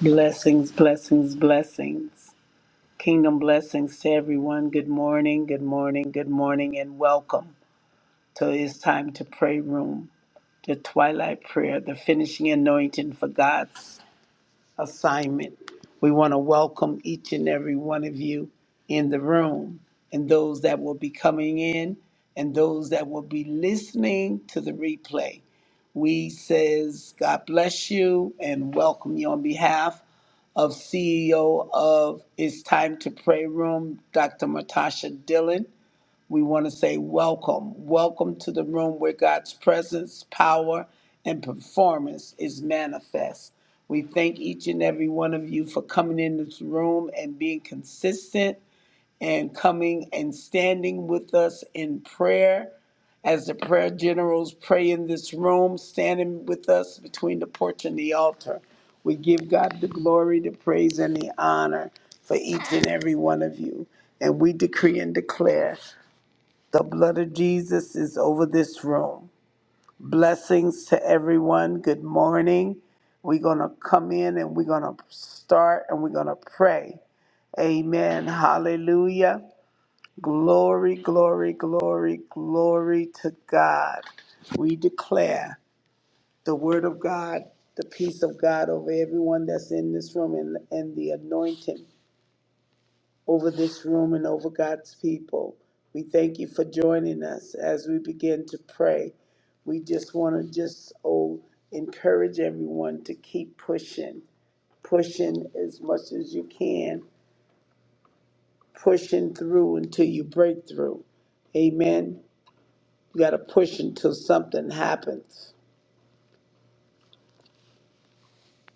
Blessings, blessings, blessings. Kingdom blessings to everyone. Good morning, good morning, good morning, and welcome to It's Time to Pray Room, the Twilight Prayer, the finishing anointing for God assignment. We want to welcome each and every one of you in the room and those that will be coming in and those that will be listening to the replay. We says God bless you and welcome you on behalf of CEO of It's Time to Pray Room, Dr. Matasha Dillon. We want to say welcome. Welcome to the room where God's presence, power, and performance is manifest. We thank each and every one of you for coming in this room and being consistent and coming and standing with us in prayer as the prayer generals pray in this room, standing with us between the porch and the altar. We give God the glory, the praise, and the honor for each and every one of you. And we decree and declare the blood of Jesus is over this room. Blessings to everyone. Good morning. We're going to come in and we're going to start and we're going to pray. Amen. Hallelujah. Glory, glory, glory, glory to God. We declare the word of God, the peace of God over everyone that's in this room and, and the anointing over this room and over God's people. We thank you for joining us as we begin to pray. We just want to just oh encourage everyone to keep pushing, pushing as much as you can, pushing through until you break through. Amen. You got to push until something happens.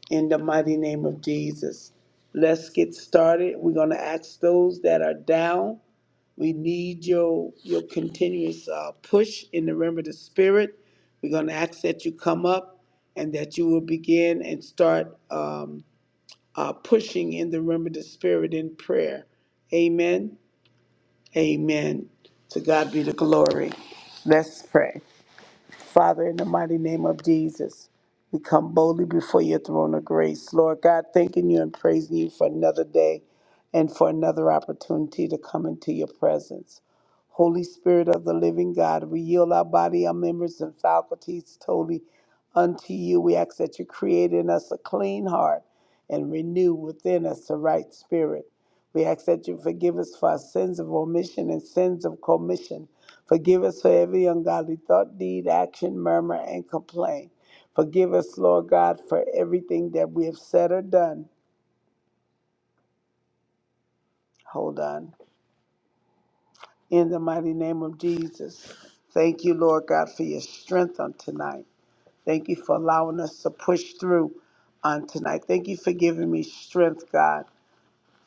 In the mighty name of Jesus. Let's get started. We're going to ask those that are down. We need your your continuous uh, push in the realm of the spirit. We're going to ask that you come up and that you will begin and start um, uh, pushing in the realm of the spirit in prayer. Amen. Amen. To God be the glory. Let's pray. Father, in the mighty name of Jesus, we come boldly before your throne of grace. Lord God, thanking you and praising you for another day and for another opportunity to come into your presence. Holy Spirit of the living God, we yield our body, our members, and faculties totally unto you. We ask that you create in us a clean heart and renew within us a right spirit. We ask that you forgive us for our sins of omission and sins of commission Forgive us for every ungodly thought, deed, action, murmur, and complaint. Forgive us, Lord God, for everything that we have said or done. Hold on. In the mighty name of Jesus. Thank you, Lord God, for your strength on tonight. Thank you for allowing us to push through on tonight. Thank you for giving me strength, God.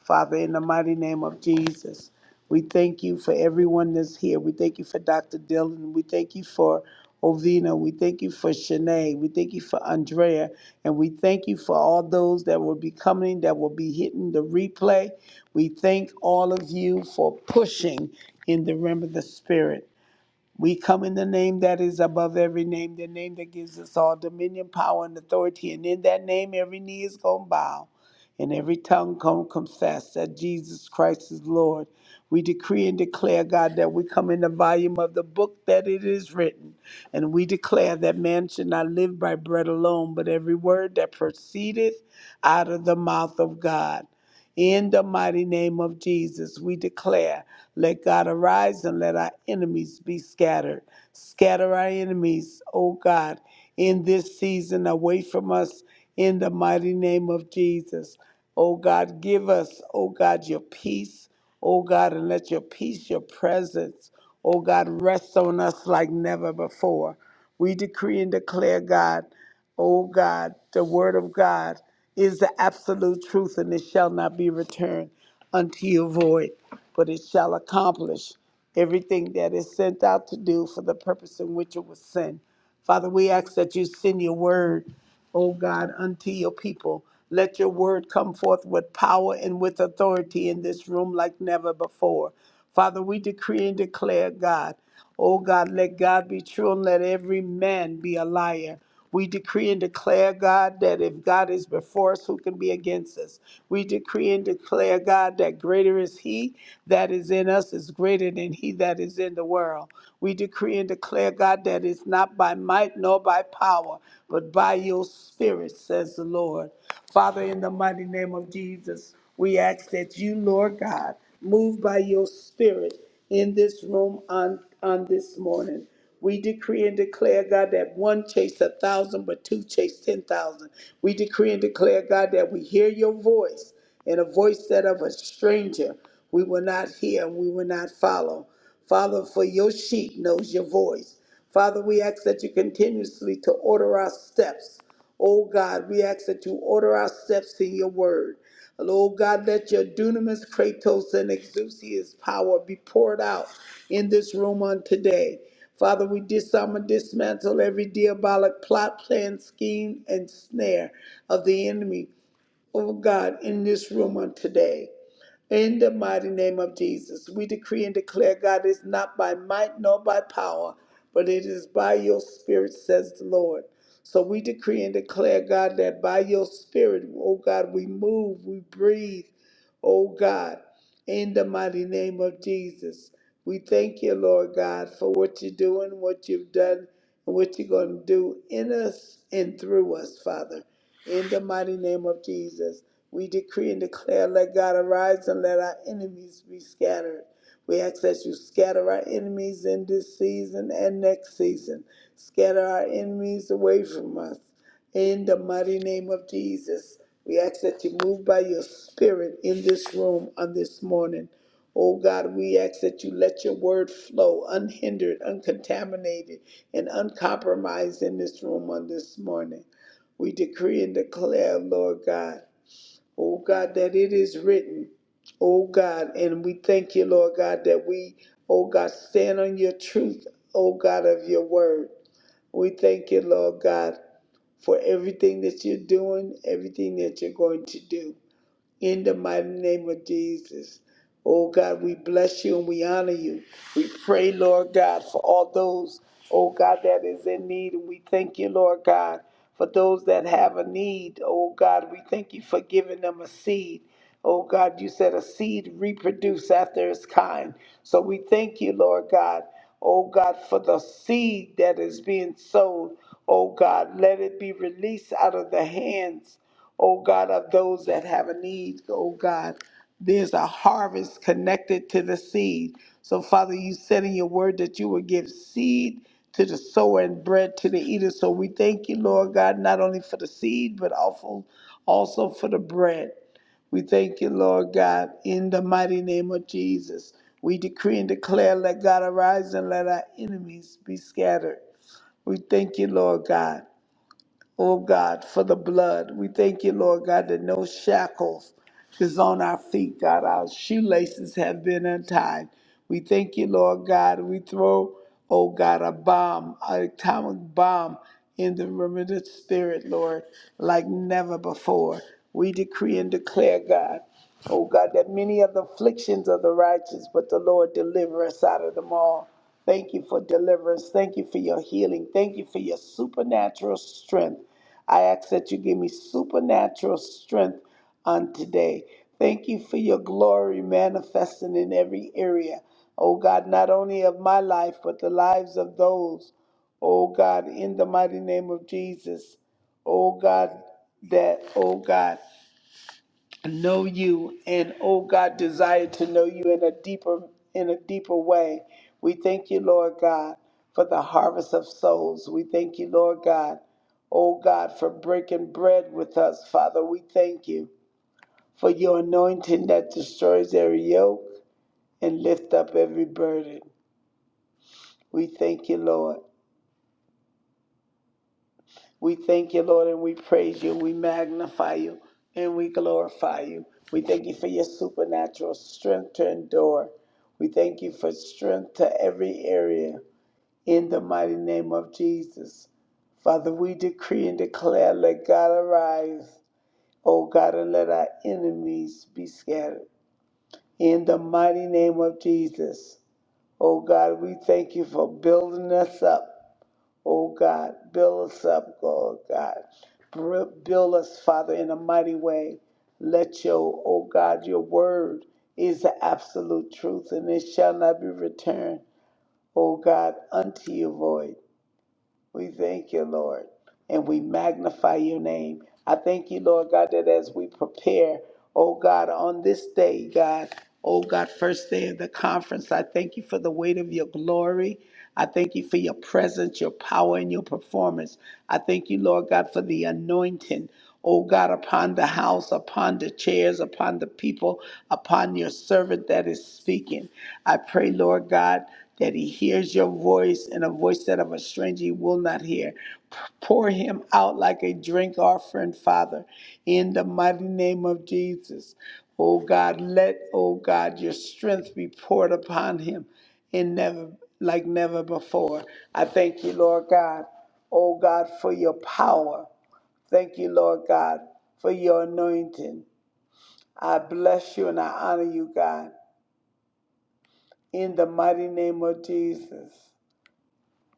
Father, in the mighty name of Jesus, we thank you for everyone that's here. We thank you for Dr. Dillon. We thank you for Ovina. We thank you for Shanae. We thank you for Andrea. And we thank you for all those that will be coming, that will be hitting the replay. We thank all of you for pushing in the realm of the Spirit. We come in the name that is above every name, the name that gives us all dominion, power, and authority. And in that name, every knee is going to bow and every tongue going to confess that Jesus Christ is Lord. We decree and declare, God, that we come in the volume of the book that it is written. And we declare that man should not live by bread alone, but every word that proceedeth out of the mouth of God. In the mighty name of Jesus, we declare let God arise and let our enemies be scattered. Scatter our enemies, O God, in this season away from us in the mighty name of Jesus. O God, give us, O God, your peace, O God, and let your peace, your presence, O God, rest on us like never before. We decree and declare, God, O God, the word of God is the absolute truth and it shall not be returned unto you void but it shall accomplish everything that is sent out to do for the purpose in which it was sent. Father, we ask that you send your word, O God, unto your people. Let your word come forth with power and with authority in this room like never before. Father, we decree and declare, God, O God, let God be true and let every man be a liar. We decree and declare, God, that if God is before us, who can be against us? We decree and declare, God, that greater is He that is in us is greater than He that is in the world. We decree and declare, God, that it's not by might nor by power, but by your spirit, says the Lord. Father, in the mighty name of Jesus, we ask that you, Lord God, move by your spirit in this room on, on this morning. We decree and declare, God, that one chase a thousand, but two chase ten thousand. We decree and declare, God, that we hear your voice and a voice that of a stranger we will not hear and we will not follow. Father, for your sheep knows your voice. Father, we ask that you continuously to order our steps Oh God, we ask that you order our steps in your word. Lord God, let your dunamis, kratos, and exousia's power be poured out in this room on today. Father, we disarm and dismantle every diabolic plot, plan, scheme, and snare of the enemy, oh God, in this room on today. In the mighty name of Jesus, we decree and declare, God, it's not by might nor by power, but it is by your spirit, says the Lord. So we decree and declare, God, that by your spirit, oh God, we move, we breathe, oh God, in the mighty name of Jesus. We thank you, Lord God, for what you're doing, what you've done, and what you're going to do in us and through us, Father, in the mighty name of Jesus. We decree and declare, let God arise and let our enemies be scattered. We ask that you scatter our enemies in this season and next season. Scatter our enemies away from us. In the mighty name of Jesus, we ask that you move by your spirit in this room on this morning. Oh God, we ask that you let your word flow unhindered, uncontaminated, and uncompromised in this room on this morning. We decree and declare, Lord God. Oh God, that it is written. Oh God, and we thank you, Lord God, that we, oh God, stand on your truth, oh God, of your word. We thank you, Lord God, for everything that you're doing, everything that you're going to do. In the mighty name of Jesus. Oh God, we bless you and we honor you. We pray, Lord God, for all those, oh God, that is in need. And we thank you, Lord God, for those that have a need. Oh God, we thank you for giving them a seed. Oh God, you said a seed reproduce after its kind. So we thank you, Lord God. Oh God, for the seed that is being sown. Oh God, let it be released out of the hands oh God, of those that have a need, oh God. There's a harvest connected to the seed. So, Father, you said in your word that you would give seed to the sower and bread to the eater. So, we thank you, Lord God, not only for the seed, but also, also for the bread. We thank you, Lord God, in the mighty name of Jesus. We decree and declare, let God arise and let our enemies be scattered. We thank you, Lord God oh God, for the blood. We thank you, Lord God, that no shackles is on our feet, God. Our shoelaces have been untied. We thank you, Lord God. We throw, oh God, a bomb, an atomic bomb in the remnant spirit, Lord, like never before. We decree and declare, God. Oh God, that many of the afflictions of the righteous, but the Lord deliver us out of them all. Thank you for deliverance. Thank you for your healing. Thank you for your supernatural strength. I ask that you give me supernatural strength on today. Thank you for your glory manifesting in every area. Oh God, not only of my life, but the lives of those, oh God, in the mighty name of Jesus. Oh God, that, oh God know you and oh god desire to know you in a deeper in a deeper way we thank you lord god for the harvest of souls we thank you lord god oh god for breaking bread with us father we thank you for your anointing that destroys every yoke and lift up every burden we thank you lord We thank you, Lord, and we praise you. We magnify you and we glorify you. We thank you for your supernatural strength to endure. We thank you for strength to every area in the mighty name of Jesus. Father, we decree and declare, let God arise, O God, and let our enemies be scattered. In the mighty name of Jesus, O God, we thank you for building us up Oh God, build us up, oh God. Build us, Father, in a mighty way. Let your, oh God, your word is the absolute truth, and it shall not be returned, oh God, unto you void. We thank you, Lord, and we magnify your name. I thank you, Lord God, that as we prepare, oh God, on this day, God, oh God, first day of the conference, I thank you for the weight of your glory. I thank you for your presence, your power, and your performance. I thank you, Lord God, for the anointing. Oh God, upon the house, upon the chairs, upon the people, upon your servant that is speaking. I pray, Lord God, that he hears your voice and a voice that of a stranger he will not hear. P- Pour him out like a drink offering, Father, in the mighty name of Jesus. Oh God, let, oh God, your strength be poured upon him and never like never before. I thank you, Lord God, oh God, for your power. Thank you, Lord God, for your anointing. I bless you and I honor you, God. In the mighty name of Jesus,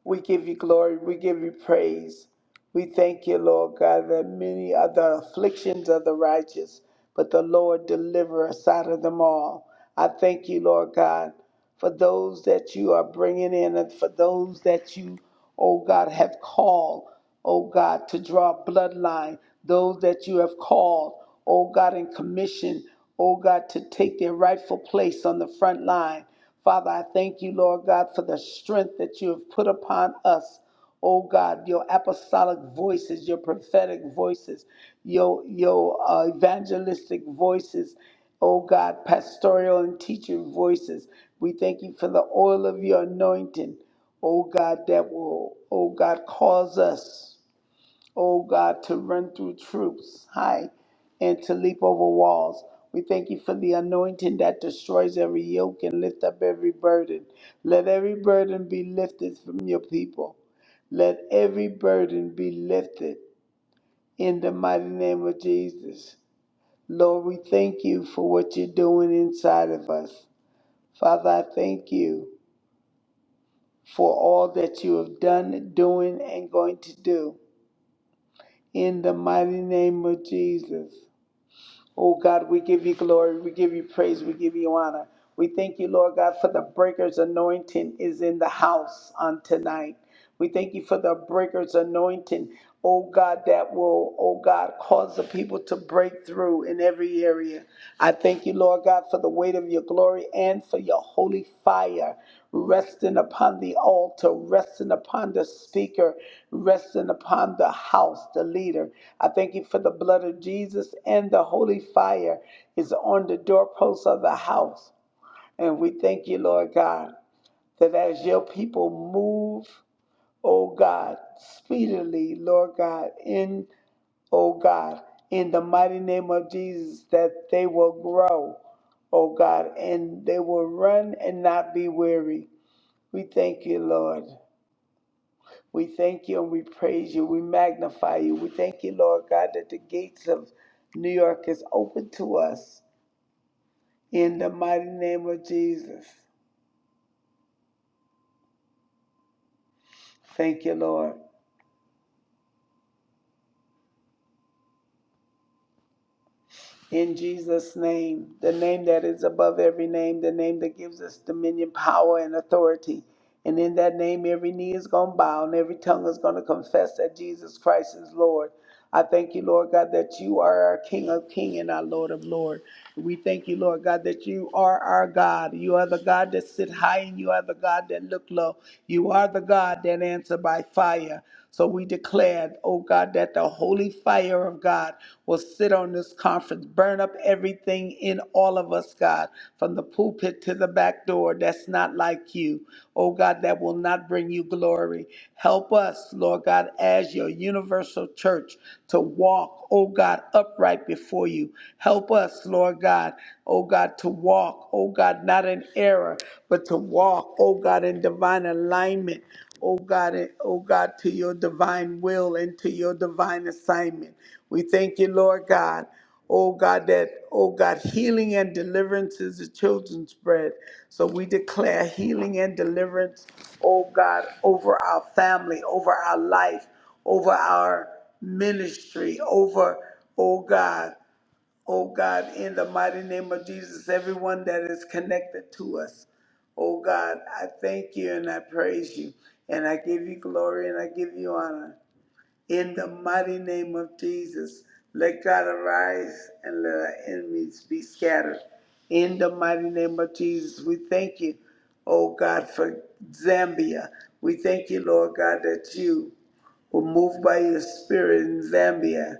we give you glory, we give you praise. We thank you, Lord God, that many are the afflictions of the righteous, but the Lord deliver us out of them all. I thank you, Lord God, for those that you are bringing in and for those that you oh God, have called, oh God, to draw a bloodline, those that you have called, oh God, and commissioned, oh God, to take their rightful place on the front line. Father, I thank you, Lord God, for the strength that you have put upon us. Oh God, your apostolic voices, your prophetic voices, your your uh, evangelistic voices, oh God, pastoral and teaching voices. We thank you for the oil of your anointing oh God, that will, oh God, cause us, oh God, to run through troops high and to leap over walls. We thank you for the anointing that destroys every yoke and lift up every burden. Let every burden be lifted from your people. Let every burden be lifted in the mighty name of Jesus. Lord, we thank you for what you're doing inside of us. Father, I thank you. for all that you have done, doing, and going to do. In the mighty name of Jesus. Oh God, we give you glory, we give you praise, we give you honor. We thank you, Lord God, for the breaker's anointing is in the house on tonight. We thank you for the breaker's anointing, oh God, that will, oh God, cause the people to break through in every area. I thank you, Lord God, for the weight of your glory and for your holy fire resting upon the altar, resting upon the speaker, resting upon the house, the leader. I thank you for the blood of Jesus and the holy fire is on the doorposts of the house. And we thank you, Lord God, that as your people move, O God, speedily, Lord God, in, O God, in the mighty name of Jesus, that they will grow, O God, and they will run and not be weary. We thank you, Lord. We thank you and we praise you. We magnify you. We thank you, Lord God, that the gates of New York is open to us in the mighty name of Jesus. Thank you, Lord. In Jesus' name, the name that is above every name, the name that gives us dominion, power, and authority. And in that name, every knee is going to bow and every tongue is going to confess that Jesus Christ is Lord. I thank you, Lord God, that you are our King of King and our Lord of Lord. We thank you, Lord God, that you are our God. You are the God that sit high and you are the God that look low. You are the God that answer by fire. So we declare, oh God, that the holy fire of God will sit on this conference. Burn up everything in all of us, God, from the pulpit to the back door that's not like you. Oh God, that will not bring you glory. Help us, Lord God, as your universal church to walk, oh God, upright before you. Help us, Lord God, oh God, to walk, oh God, not in error, but to walk, oh God, in divine alignment oh God, and- oh God, to your divine will and to your divine assignment. We thank you, Lord God. Oh God, that, oh God, healing and deliverance is the children's bread. So we declare healing and deliverance, oh God, over our family, over our life, over our ministry, over, oh God. Oh God, in the mighty name of Jesus, everyone that is connected to us. Oh God, I thank you and I praise you. And I give you glory and I give you honor. In the mighty name of Jesus, let God arise and let our enemies be scattered. In the mighty name of Jesus, we thank you, oh God, for Zambia. We thank you, Lord God, that you we're moved by your spirit in Zambia.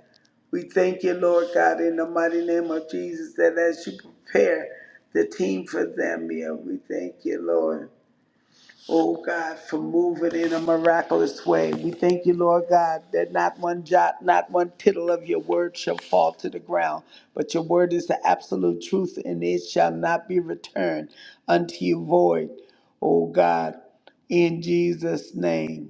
We thank you, Lord God, in the mighty name of Jesus, that as you prepare the team for Zambia, we thank you, Lord. Oh God, for moving in a miraculous way. We thank you, Lord God, that not one jot, not one tittle of your word shall fall to the ground, but your word is the absolute truth, and it shall not be returned unto you void. Oh God, in Jesus' name.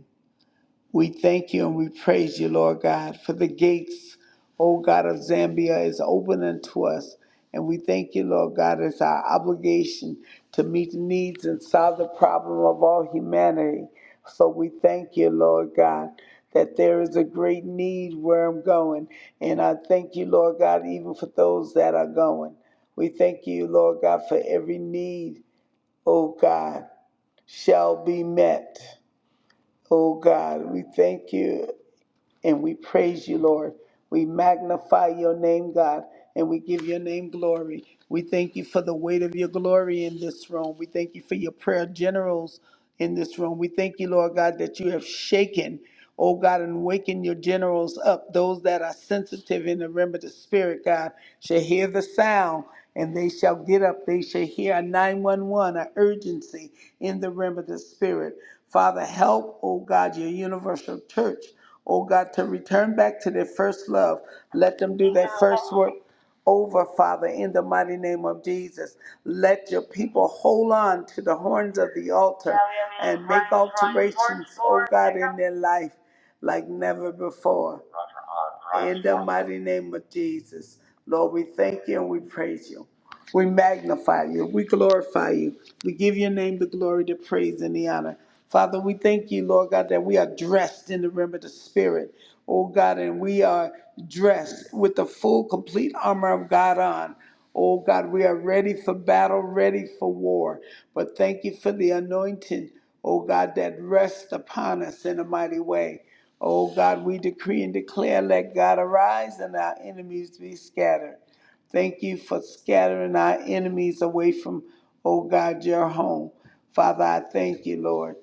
We thank you and we praise you, Lord God, for the gates, O God of Zambia, is open unto us. And we thank you, Lord God, it's our obligation to meet the needs and solve the problem of all humanity. So we thank you, Lord God, that there is a great need where I'm going. And I thank you, Lord God, even for those that are going. We thank you, Lord God, for every need, O God, shall be met. Oh God, we thank you and we praise you, Lord. We magnify your name, God, and we give your name glory. We thank you for the weight of your glory in this room. We thank you for your prayer generals in this room. We thank you, Lord God, that you have shaken, oh God, and waken your generals up. Those that are sensitive in the realm of the spirit, God, shall hear the sound and they shall get up. They shall hear a 911, an urgency in the realm of the spirit. Father, help, oh God, your universal church, oh God, to return back to their first love. Let them do their first work over, Father, in the mighty name of Jesus. Let your people hold on to the horns of the altar and make alterations, oh God, in their life like never before. In the mighty name of Jesus. Lord, we thank you and we praise you. We magnify you. We glorify you. We give your name the glory, the praise, and the honor. Father, we thank you, Lord God, that we are dressed in the realm of the Spirit, oh God, and we are dressed with the full, complete armor of God on. Oh God, we are ready for battle, ready for war. But thank you for the anointing, oh God, that rests upon us in a mighty way. Oh God, we decree and declare, let God arise and our enemies be scattered. Thank you for scattering our enemies away from, oh God, your home. Father, I thank you, Lord.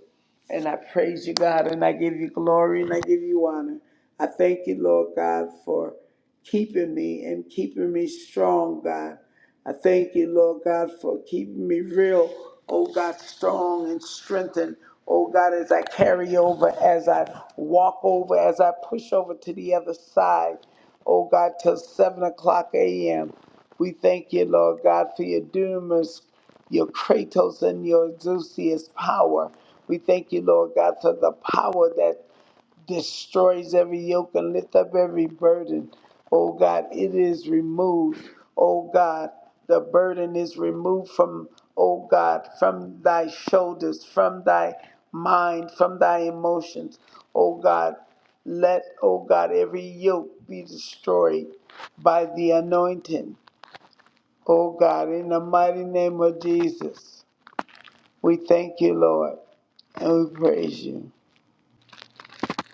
And I praise you, God, and I give you glory and I give you honor. I thank you, Lord God, for keeping me and keeping me strong, God. I thank you, Lord God, for keeping me real, oh God, strong and strengthened Oh God, as I carry over, as I walk over, as I push over to the other side, oh God, till 7 o'clock a.m. We thank you, Lord God, for your dunamis, your Kratos, and your Zeusius power. We thank you, Lord God, for the power that destroys every yoke and lift up every burden. Oh God, it is removed. Oh God, the burden is removed from, oh God, from thy shoulders, from thy mind, from thy emotions. Oh God, let, oh God, every yoke be destroyed by the anointing. Oh God, in the mighty name of Jesus, we thank you, Lord, and we praise you.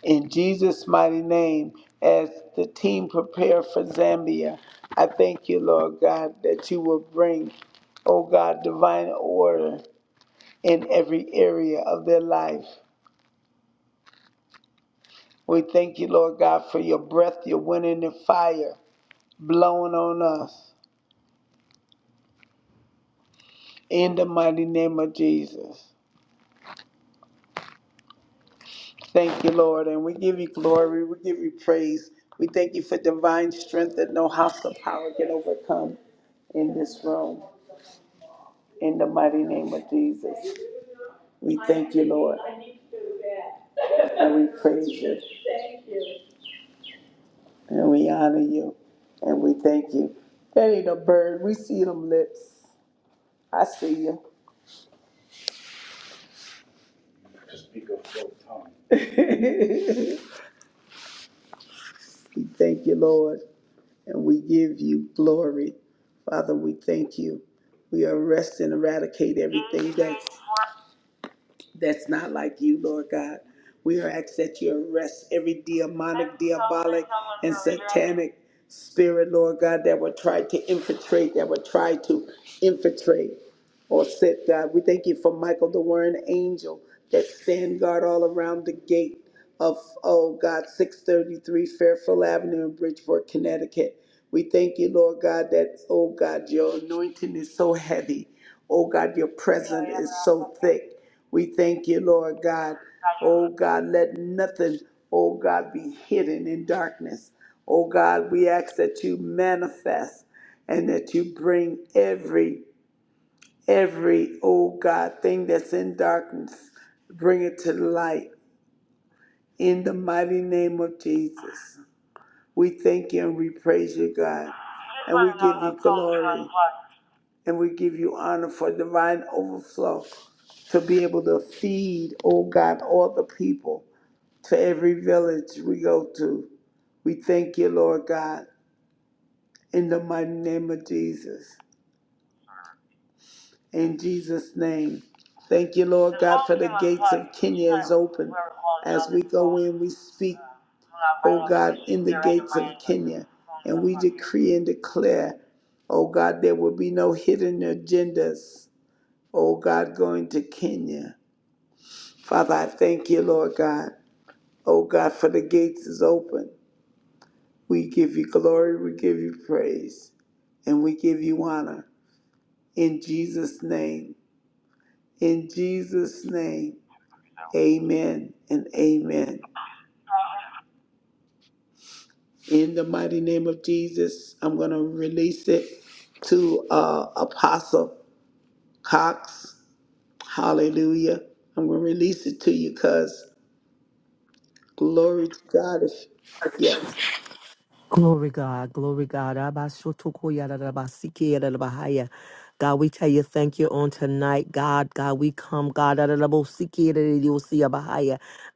In Jesus' mighty name, as the team prepare for Zambia, I thank you, Lord God, that you will bring, oh God, divine order in every area of their life. We thank you, Lord God, for your breath, your wind, and the fire blowing on us. In the mighty name of Jesus. Thank you, Lord, and we give you glory. We give you praise. We thank you for divine strength that no hostile power can overcome in this room. In the mighty name of Jesus, we thank you, Lord. And we praise you. And we honor you. And we thank you. That ain't a bird. We see them lips. I see you. we thank you, Lord. And we give you glory. Father, we thank you. We arrest and eradicate everything that that's not like you, Lord God. We are asked that you arrest every demonic, diabolic, and satanic spirit, Lord God, that would try to infiltrate, that would try to infiltrate or set God. We thank you for Michael, the warring angel that stand guard all around the gate of, oh God, 633 Fairfield Avenue in Bridgeport, Connecticut. We thank you, Lord God, that, oh God, your anointing is so heavy. Oh God, your presence is so thick. We thank you, Lord God. Oh God, let nothing, oh God, be hidden in darkness. Oh God, we ask that you manifest and that you bring every, every, oh God, thing that's in darkness, bring it to the light in the mighty name of Jesus. We thank you and we praise you, God. And we give you glory and we give you honor for divine overflow to be able to feed, oh God, all the people to every village we go to. We thank you, Lord God, in the mighty name of Jesus. In Jesus' name. Thank you, Lord. And we speak, free and declare, oh God, there will be no hidden agendas, oh God, going to Kenya. Father, I thank you, Lord God. Oh God, for the gates is open. We give you glory, we give you praise, and we give you honor. In Jesus' name. In Jesus' name. Amen and amen. In the mighty name of Jesus, I'm going to release it to uh, Apostle Cox. Hallelujah. I'm going to release it to you because glory to God. If, yes. Glory God, glory God. Abashotokoyarabasikerabahaya. God, we tell you thank you on tonight. God, God, we come. God, God,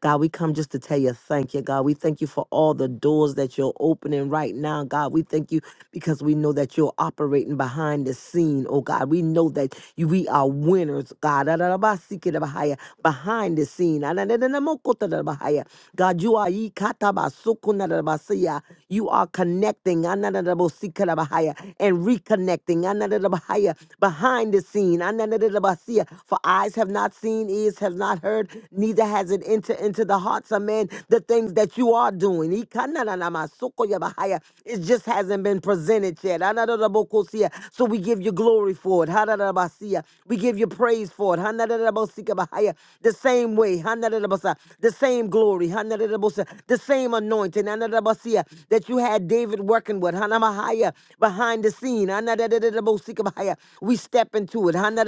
God, we come just to tell you thank you, God. We thank you for all the doors that you're opening right now, God. We thank you because we know that you're operating behind the scene, oh God. We know that you, we are winners, God. Ararabasikerabahaya, Behind the scene. Anananamokotarabahaya. God, you are ikatabasukunarabasiya. you are connecting ananarabosikerabahaya, and reconnecting ananarabahaya, behind the scene. ananarabasiya. For eyes have not seen, ears have not heard, neither has it entered into the hearts of men the things that you are doing. Ikanananamasoko-yabahaya. It just hasn't been presented yet. Anadadabokosia. So we give you glory for it. Hadadabasia. We give you praise for it. Hanadadabosikabahaya. The same way. Hanadadabasa. The same glory. Hanadadabosa. The same anointing. Hanadadabasia. That you had David working with. Hanamahaya. Behind the scene. Hanadadadabosika- Sikabaya. We step into it.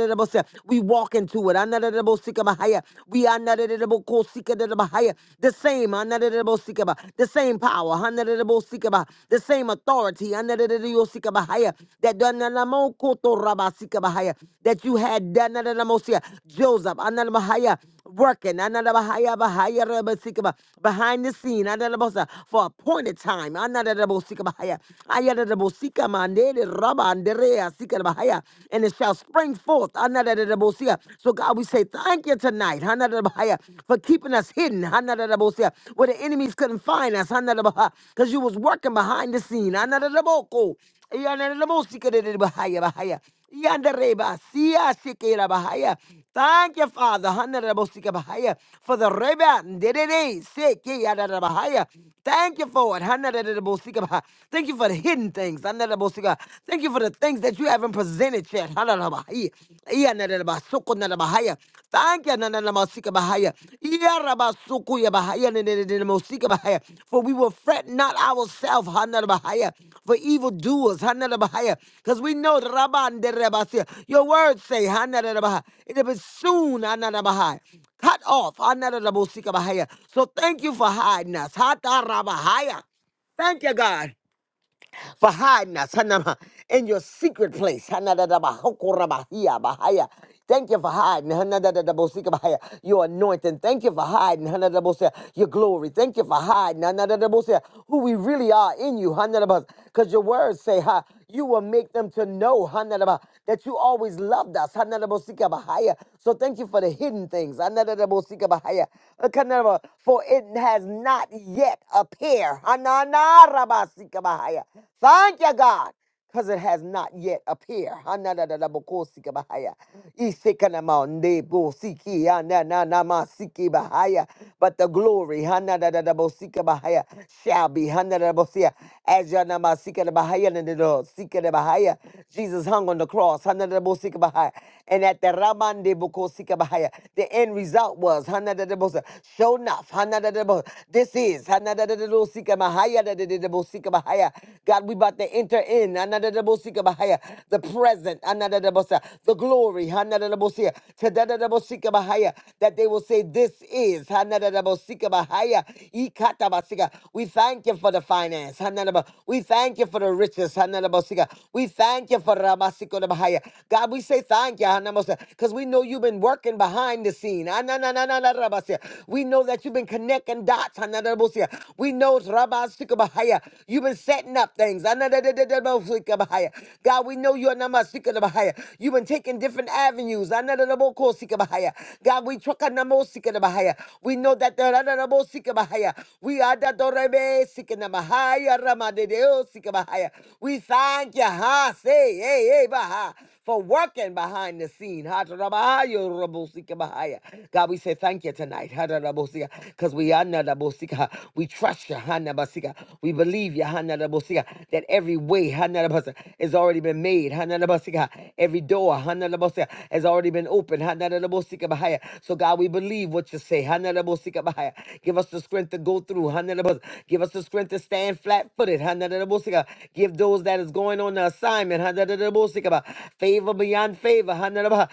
We walk into it. anadadabosikabahaya. We anadadadabokosikadadabahaya. The same. anadadadabosikaba. The same power. anadadadabosikaba. The same authority. anadadadayosikabahaya. That dananamokotorabasikabahaya. that you had danadadamosia. Joseph anadabahaya, working anadabahaya, bahaya, rabasikaba, behind the scene anadabosa, for appointed time. anadadabosikabahaya. Ayadadabosikama, andede, Bahaya, and it shall spring forth. So God, we say thank you tonight for keeping us hidden where the enemies couldn't find us because you was working behind the scene. Hanadadaboko. Yanadadabosikadadabahaya, shikera bahaya. Thank you, Father, Hanarabostikabahaya, for the rebound. Dedede, seke, yadadabahaya. Thank you for it. Hanarabostikabaha. Thank you for the hidden things. Hanarabostika. Thank you for the things that you haven't presented yet. Hanarabahaya. Iyanadabasukunadabahaya. Thank you. Nananamastikabahaya. Rabasukuya Bahaya Mosika Bahaya. For we will fret not ourselves, Hanada Bahaya, for evildoers, Hanada Bahaya. Because we know the Rabban de Rabasia. Your words say, Hanada Bahaya. It'll be soon, Hanada Bahaya. Cut off, Hanada Mosika Bahaya. So thank you for hiding us. Hata Rabahaya. Thank you, God for hiding us Hanama, in your secret place. Hanadadaba, hokorabahia, bahaya. Thank you for hiding Hanadadadabosika, bahaya, your anointing. Thank you for hiding Hanadabosia, your glory. Thank you for hiding Hanadabosia, who we really are in you. Because your word words say, ha, you will make them to know, Hanadaba, that you always loved us. Hanadabosikabahaya. So thank you for the hidden things. Hanadabosikabahaya. Hakanadaba, For it has not yet appeared. Hananarabasikabahaya. Thank you, God because it has not yet appeared. Hanadadadabokosikabahaya. Isekanamanebosiki, anananamasikibahaya. But the glory hanadadadabosikabahaya, shall be hanadadadabosia, as yanamasikabahaya, nanadadabosikabahaya. Jesus hung on the cross. hanadadadabosikabahaya, and at the Ramande Bokosika Bahaya. The end result was Hanadadabosa. Show enough. Hanadadabosa. This is Hanadadadadosika Mahaya Dadadadabosika Bahaya. God, we about to enter in Hanadadabosika Bahaya. The present Hanadadabosa. The glory Hanadadabosia. Tadadadabosika Bahaya. That they will say, This is Hanadadabosika Bahaya. Ikatabasika. We thank you for the finance. Hanadaba. We thank you for the riches. Hanadabosika. We thank you you for Ramasiko de Bahaya. God, we say thank you, because we know you've been working behind the scene. Ah, na, na, na, na, na, Rabasia. We know that you've been connecting dots. Ah, na, na, Rabasia. We know it's Ramasiko Bahaya. You've been setting up things. Ah, na, na, na, na, na, Ramasiko Bahaya. God, we know you're Namasiko de Bahaya. You've been taking different avenues. Ah, na, na, na, Bokosiko Bahaya. God, we truck on Namosiko de Bahaya. We know that the Ramasiko Bahaya. We are the Dorebe Sikana Bahaya Ramade we thank you, ha, say, hey, hey, baha, for working behind the scene. Ha, da, da, ba, yo, da, bo, si, ka, ba, ha, ya. God, we say thank you tonight. Because we are not We trust you. ha, na, ba, si, ka. We believe you. ha, na, da, bo, si, ka, That every way ha, na, da, ba, si, ka, has already been made. ha, na, da, ba, si, ka. Every door ha, na, da, ba, si, ka, has already been opened. ha, na, da, da, bo, si, ka, ba, ha, ya. So, God, we believe what you say. ha, na, da, bo, si, ka, ba, ha, ya. Give us the strength to go through. Give us the strength to stand flat footed. Give those that is going on the assignment Hanadadabosika. favor beyond favor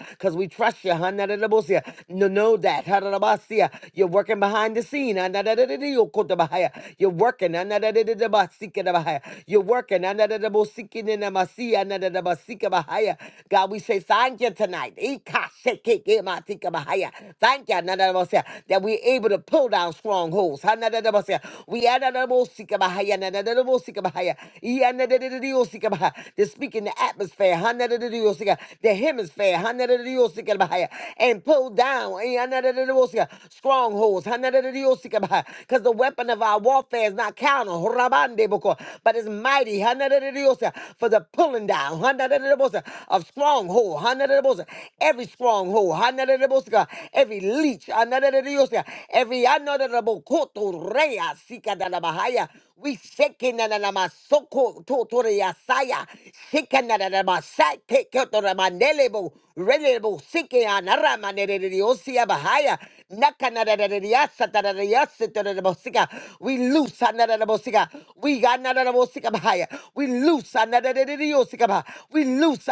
because we trust you. Hanadadabosika. No, know that. Hanadabasia. You're working behind the scene. Hanadadadadadiokotabahaya. You're working. Hanadadadadabasikadabahaya. You're working. Hanadadabosikidinamasi. Hanadadabasikabahaya. God, we say thank you tonight. Ikashekekematikabahaya. Thank you Hanadadabosia. that we able to pull down strongholds. Hanadadabasya. We adadabosikabahaya, nadadadabosikabahaya, iyanadadadadiosikabahaya. They're speaking the atmosphere, hanadadadadiosika, the hemisphere, hanadadadadiosikabahaya, and pull down iyanadadadadabosika, strongholds. Because the weapon of our warfare is not carnal, horabandeboko, but it's mighty hanadadadadiosia, for the pulling down hanadadadadabosia, of stronghold. hanadadadabosia, Every stronghold anadadadabosika, every leech, anadadadadabosika, every anadadadabokoto rea sika dadabahaya. we shaking soko totoreyasaya, shaking mandelebo, relebo, sike anaramanediosia bahaya, nakanadadadadiasatadadiasitadadabosika. we loose anadadabosika, we got anadadabosika bahaya, we loose anadadadadiosika bah- we loose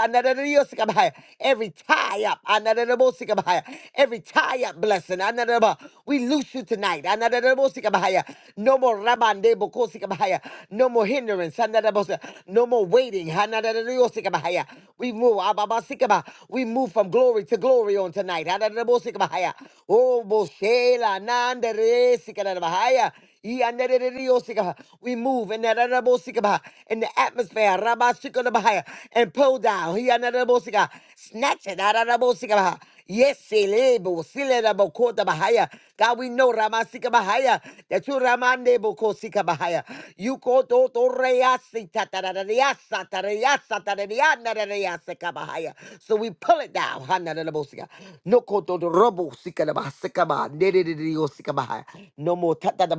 Every tie up. Anadadabosikabahaya. Every tie up blessing. Anadadaba. We loose you tonight. Anadadabosikabahaya. No more rabande bokosikabahaya. No more hindrance. Anadadabosa. No more waiting. Anadadadabosikabahaya. We move. Ababasikaba. We move from glory to glory on tonight. Anadadabosikabahaya. Oh, boshela nanderesikadabahaya. Yanadadadadiyosika. We move in that adabosika, in the atmosphere rabashikodabahaya, and pull down. Yanadadabosika. Snatch it out of Yes, silebo, silebo, kota bahaya. God, we know Ramasika bahaya. That you Ramande boko sika bahaya. You koto to reasi tatarariasa tariasa tarariana rariasika bahaya. So we pull it down. Hana na na bo sika. No koto to robo sika na bahasika ba. Nere de de yo sika bahaya. No more ta- ta- ta-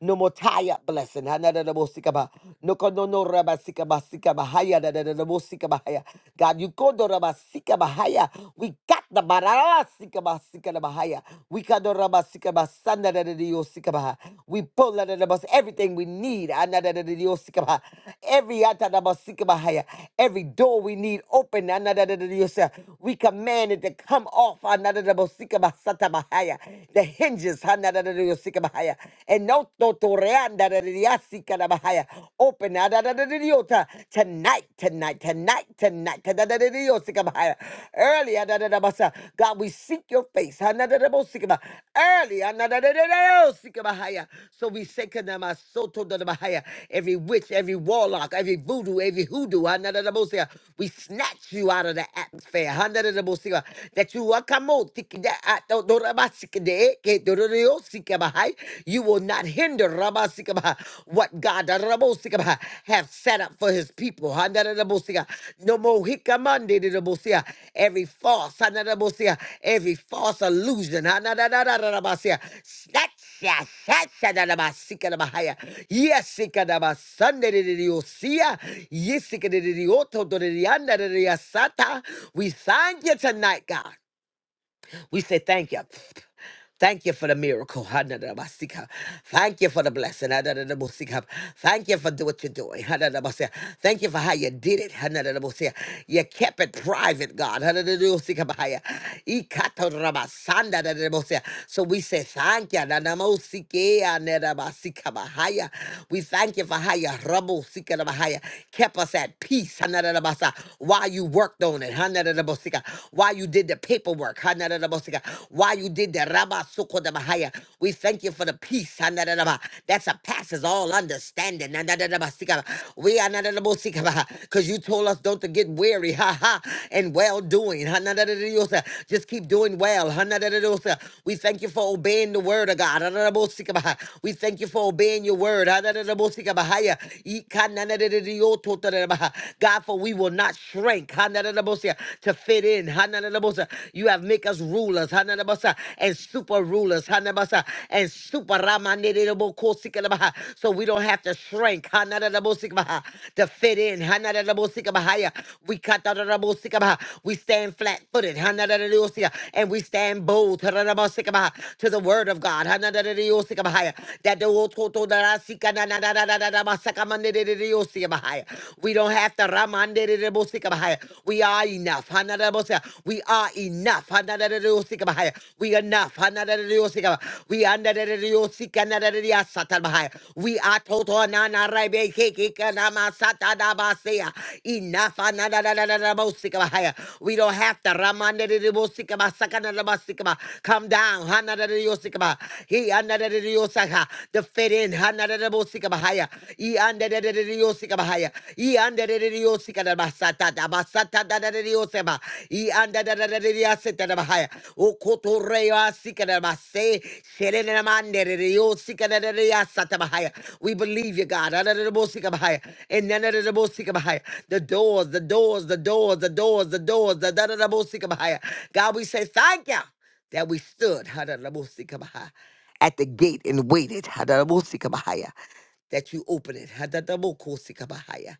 no more tie up blessing. Ha- No ko- no no raba ba- sika- ba- haya. Na- God, you go to raba sika- We got the barara sika- ba- We got the raba sika- ba- san- We pull na- everything we need. Ah, na- na- Every ah, ta- na- every door we need open. Ah, na- na- We command it to come off. Ah, na- na- na- the hinges, hanadadadadiosikabahaya, and no totoreandadadadiasikanabahaya. open adadadadadiota, tonight, tonight, tonight, tonight, tadadadadiosikabahaya. early. adadadabasa. God, we seek your face. hanadadabosikaba. Early. hanadadadadadiosikabahaya. So we say, kanamasotodotabahaya. every witch, every warlock, every voodoo, every hoodoo, hanadadabosia. we snatch you out of the atmosphere. hanadadabosikaba. That you are you will not hinder rabasikaba, what God rabosikaba, have set up for his people. Handarabosika. No more hikamandirabosia. every false, hanarabosia, every false illusion. hanararararabasia. Snatcha, snatcha, darabasikadabahaya. Yesikadabasandiriosia. Yesikadiriotodiriandaririasata. We thank you tonight, God. We say thank you. Thank you for the miracle. Hanadabasika. Thank you for the blessing. Hanadabasika. Thank you for do what you're doing. Hanadabasika. Thank you for how you did it. Hanadabasika. You kept it private, God. Hanadabasika bahaya. Ikatorabasanda dadabasika. So we say thank you. Nanamosike anadabasika bahaya. We thank you for how you rabosika bahaya. kept us at peace. Hanadabasa. While you worked on it. Hanadabasika. While you did the paperwork. Why you did that? Rabba Sukodabahaya. We thank you for the peace. Hanadadaba, That surpasses all understanding. Nanadadabasika. We are because you told us don't to get weary. Ha ha. And well doing. Hanadadadadiosa. Just keep doing well. Hanadadadadiosa. We thank you for obeying the word of God. Hanadadabosikabaha. We thank you for obeying your word. Hanadadabosikabahaya. Ikananadadadiototodabaha. God, for we will not shrink. Hanadadabosia to fit in. Hananabosa. You have make us rulers, Hananabosa, and super rulers, Hananabosa, and super Ramanidabokosikanaba. So we don't have to shrink, Hananabosikabaha, to fit in, Hananabosikabahaya. We cut out Rabosikabaha. We stand flat footed, Hananabosia, and we stand bold, Hananabosikabaha, to the word of God, Hananabosikabahaya. That the Ototo Darasika, Nananabasakamanidiosikabahaya. We don't have to Raman. We are enough. We are enough. Hanadadadadiosikabahaya. We are enough. Hanadadadadiosikaba. We are enough. We are total nanaraibekekekanamasatadabasea. enough. Hanadadadadadabosikabahaya. We don't have to Ramandadadadiosikabasakadadabasikaba. come down. Hanadadadadiosikaba. He anadadadadiosaka. to fit in. Hanadadadadiosikabahaya. He under the Yosika bahaya. I anda de riosika basata basata da da rioseba. I anda da da da riaseta da bahaya. O koto reosika da base. Sherene na mande de riosika da da riasata bahaya. We believe you, God. Ada da riosika bahaya. And none of the riosika bahaya. The doors, the doors, the doors, the doors, the doors, the da da riosika bahaya. God, we say thank you that we stood. Ada da riosika bahaya at the gate and waited. Hadarabosika Bahaya that you open it. Hadadabokosikabahaya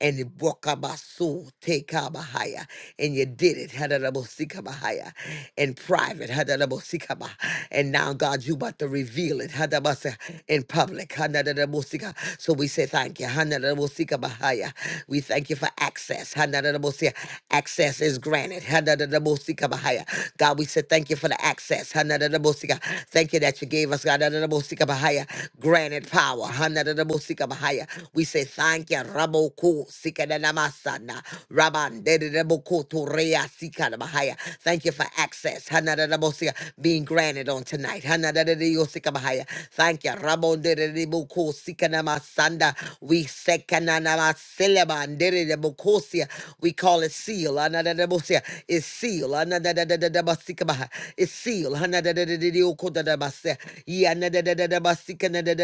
and it broke out my soul, take out higher, and you did it, hadadabosikabahaya, in private, hadadabosikaba, and now God, you about to reveal it, hadabasa, in public, hadadabosika. So we say thank you, hadadabosikabahaya. We thank you for access, hadadabosia. Access is granted, hadadabosikabahaya. God, we say thank you for the access, hadadabosika. Thank you that you gave us, God, Bahaya, granted power. Hanadadabosika Bahaya. We say thank you, Raboko Sikadanamasana, Raban Dedaboko Torea Sikadabahaya. Thank you for access. Hanadadabosia being granted on tonight. Hanadadadiosika Bahaya. Thank you, Rabon Dedaboko Sikanamasanda. We Sekananamaseleba Dedabokosia. We call it seal. Hanadadabosia. It's seal. Hanadadadadabasika Bahaya. It's seal. Yokota da Basia, Yanada da Basika, Nada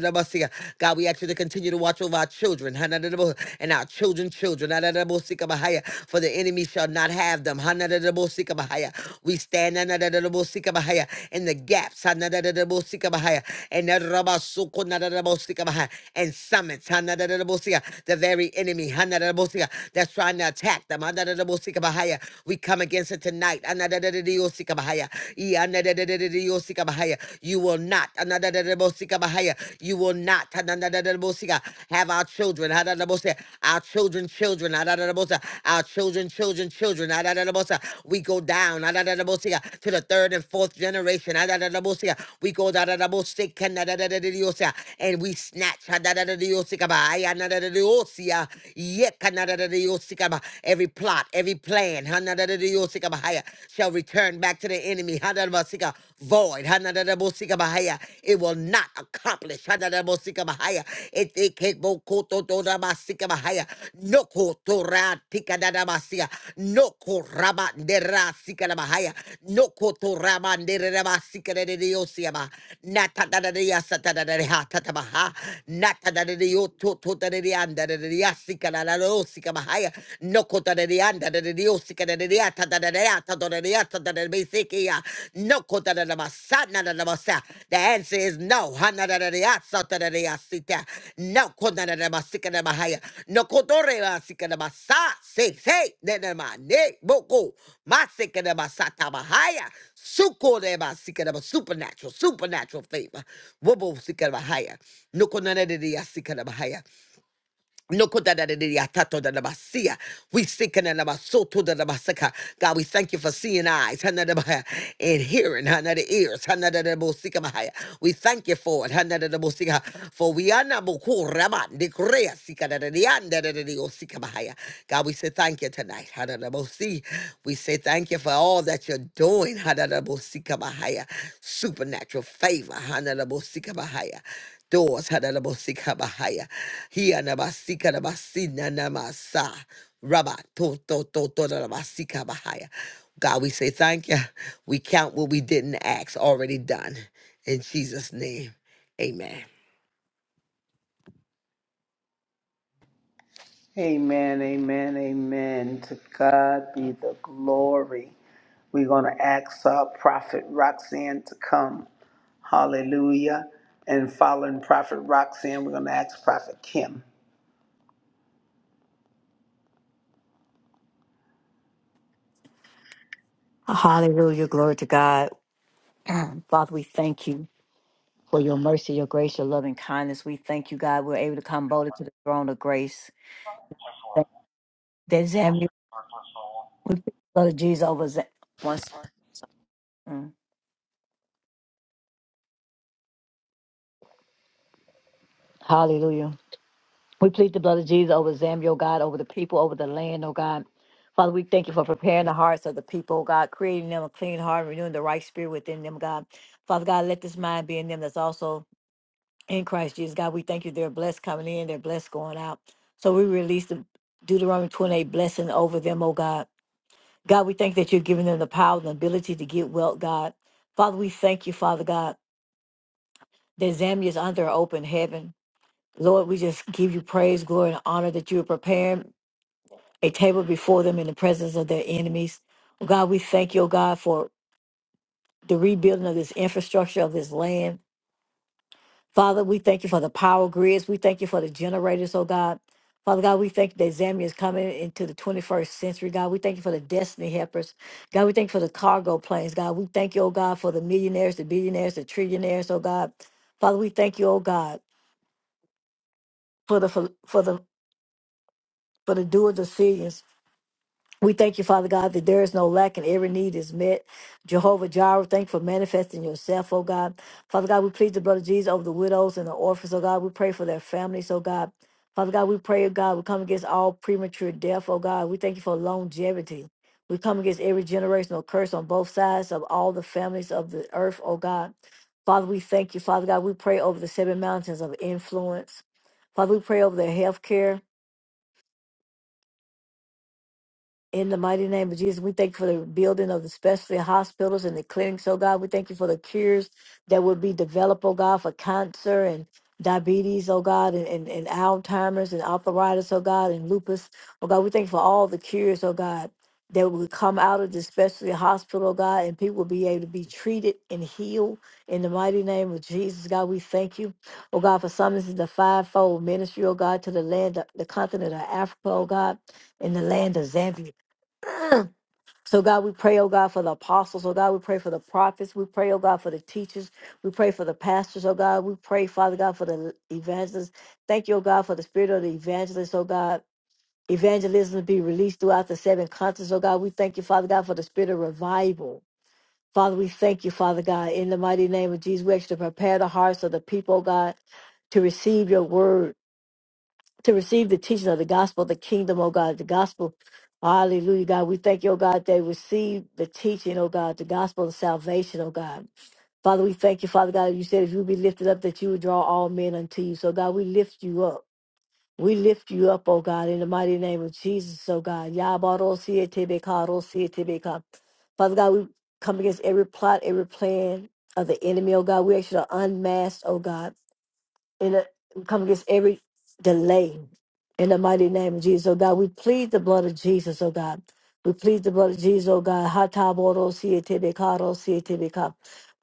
da Basia. God, we ask you to continue to watch over our children Hanadadabo, and our children, children. Hanadadabo, Sikabahaya, For the enemy shall not have them. Hanadadabo, Sikabahaya. We stand Hanadadabo, Sikabahaya, in the gaps Hanadadabo, Sikabahaya, and Narabasuko, Nadadabo, Sikabahaya, and summons Hanadadabo, Sika, the very enemy Hanadadabo, Sika, that's trying to attack them. Hanadadabo, Sikabahaya. We come against answer tonight. Anadadadadiosikabahaya. Ianadadadadadiosikabahaya. You will not. Anadadadadabosikabahaya. You will not. Anadadadadabosika. Have our children. Adadadabosi. Our children, children. Adadadabosa. Our children, children, children. Adadadabosa. We go down Adadadabosika. to the third and fourth generation. Adadadabosika. We go dadadabosika. Nadadadadadiosia. and we snatch Adadadadadiosikabahaya. Nadadadadiosia. Yekanadadadadiosikaba. every plot, every plan, Hanadadadiyosika Bahaya, shall return back to the enemy, Hanadabasika, void, Hanadadabosika Bahaya. It will not accomplish, Hanadabosika Bahaya. Itikebokototorabasika Bahaya. Nokotoratikadadabasika. Nokorabanderasika Bahaya. Nokotorabanderabasika Dadadiyosiyaba. Natadadadiyasatadadadehatatabaha. Natadadadiyotototadedeandadadiyasika Rosika Mahaya, Nokota de Rianda de Diosica de Riata de Riata de Riata de Besikia, Nokota de la Masana de la Masa. The answer is no. Hana de Riata de Riasita, Nokota de Masika de Mahaya, Nokotore Masika de Masa, say, say, Nenema, Ne, Boko, Masika de Masata Mahaya. Suko de Masika de ba Supernatural, supernatural favor. Wobo Sika Mahaya, Nokonana de Riasika Mahaya. No Nokodadadadiyatatodanabasiya. We seek ananabasotodadabasaka. God, we thank you for seeing eyes hana hanadabaya, and hearing hana the ears. hana hanadadabosikabaya. We thank you for it. hana hanadadabosika. For we are not sikabaya. God, we say thank you tonight. hana hanadabosi. We say thank you for all that you're doing. hana hanadabosikabaya. Supernatural favor. hana hanadabosikabaya doors. Hadanabosikabahaya. Hiyanabasikanabasi-nanamasa. Rabba, to, to, to, to, da, da, ba, si, ka, ba, haya. God, we say thank you. We count what we didn't ask already done. In Jesus' name, amen. Amen, amen, amen. To God be the glory. We're going to ask uh, Prophet Roxanne to come. Hallelujah. And following Prophet Roxanne, we're going to ask Prophet Kim. Hallelujah. Glory to God. Father, we thank you for your mercy, your grace, your loving kindness. We thank you, God. We're able to come boldly to the throne of grace. Thank- There's Avenue. We plead the blood of Jesus over Zam- once. mm. Hallelujah. We plead the blood of Jesus over Zambia, oh God, over the people, over the land, oh God. Father, we thank you for preparing the hearts of the people, oh God, creating them a clean heart, renewing the right spirit within them, God. Father God, let this mind be in them that's also in Christ Jesus. God, we thank you. They're blessed coming in, they're blessed going out. So we release the Deuteronomy 28 blessing over them, oh God. God, we thank that you're giving them the power and the ability to get wealth, God. Father, we thank you, Father God, that Zambia is under an open heaven. Lord, we just give you praise, glory, and honor that you are preparing a table before them in the presence of their enemies. Oh God, we thank you, oh God, for the rebuilding of this infrastructure of this land. Father, we thank you for the power grids. We thank you for the generators, oh God. Father God, we thank you that Zambia is coming into the 21st century, God. We thank you for the destiny helpers. God, we thank you for the cargo planes, God. We thank you, oh God, for the millionaires, the billionaires, the trillionaires, oh God. Father, we thank you, oh God, for the for, for the for the dual decisions. We thank you, Father God, that there is no lack and every need is met. Jehovah Jireh, thank you for manifesting yourself, oh God. Father God, we plead the blood of Jesus over the widows and the orphans, oh God. We pray for their families, oh God. Father God, we pray, oh God, we come against all premature death, oh God. We thank you for longevity. We come against every generational curse on both sides of all the families of the earth, oh God. Father, we thank you, Father God. We pray over the seven mountains of influence. Father, we pray over their health care. In the mighty name of Jesus, we thank you for the building of the specialty hospitals and the clinics, oh God. We thank you for the cures that will be developed, oh God, for cancer and diabetes, oh God, and, and, and Alzheimer's and arthritis, oh God, and lupus. Oh God, we thank you for all the cures, oh God, that will come out of the specialty hospital, oh God, and people will be able to be treated and healed in the mighty name of Jesus, God. We thank you, oh God, for summoning the fivefold ministry, oh God, to the land, the continent of Africa, oh God, in the land of Zambia. So, God, we pray, oh God, for the apostles. Oh God, we pray for the prophets. We pray, oh God, for the teachers. We pray for the pastors. Oh God, we pray, Father God, for the evangelists. Thank you, oh God, for the spirit of the evangelists. Oh God, evangelism be released throughout the seven continents. Oh God, we thank you, Father God, for the spirit of revival. Father, we thank you, Father God, in the mighty name of Jesus. We ask you to prepare the hearts of the people, oh God, to receive your word to receive the teaching of the gospel, the kingdom, oh God, the gospel. Hallelujah, God. We thank you, oh God, they receive the teaching, oh God, the gospel of salvation, oh God. Father, we thank you, Father God. You said if you be lifted up, that you would draw all men unto you. So, God, we lift you up. We lift you up, oh God, in the mighty name of Jesus, oh God. Yabarosietebeka, rosietebeka. Father God, we come against every plot, every plan of the enemy, oh God. We actually are unmasked, oh God in a, come against every delay in the mighty name of Jesus, oh God. We plead the blood of Jesus, oh God. We plead the blood of Jesus, oh God. Hataboro sietebekaro sietebeka.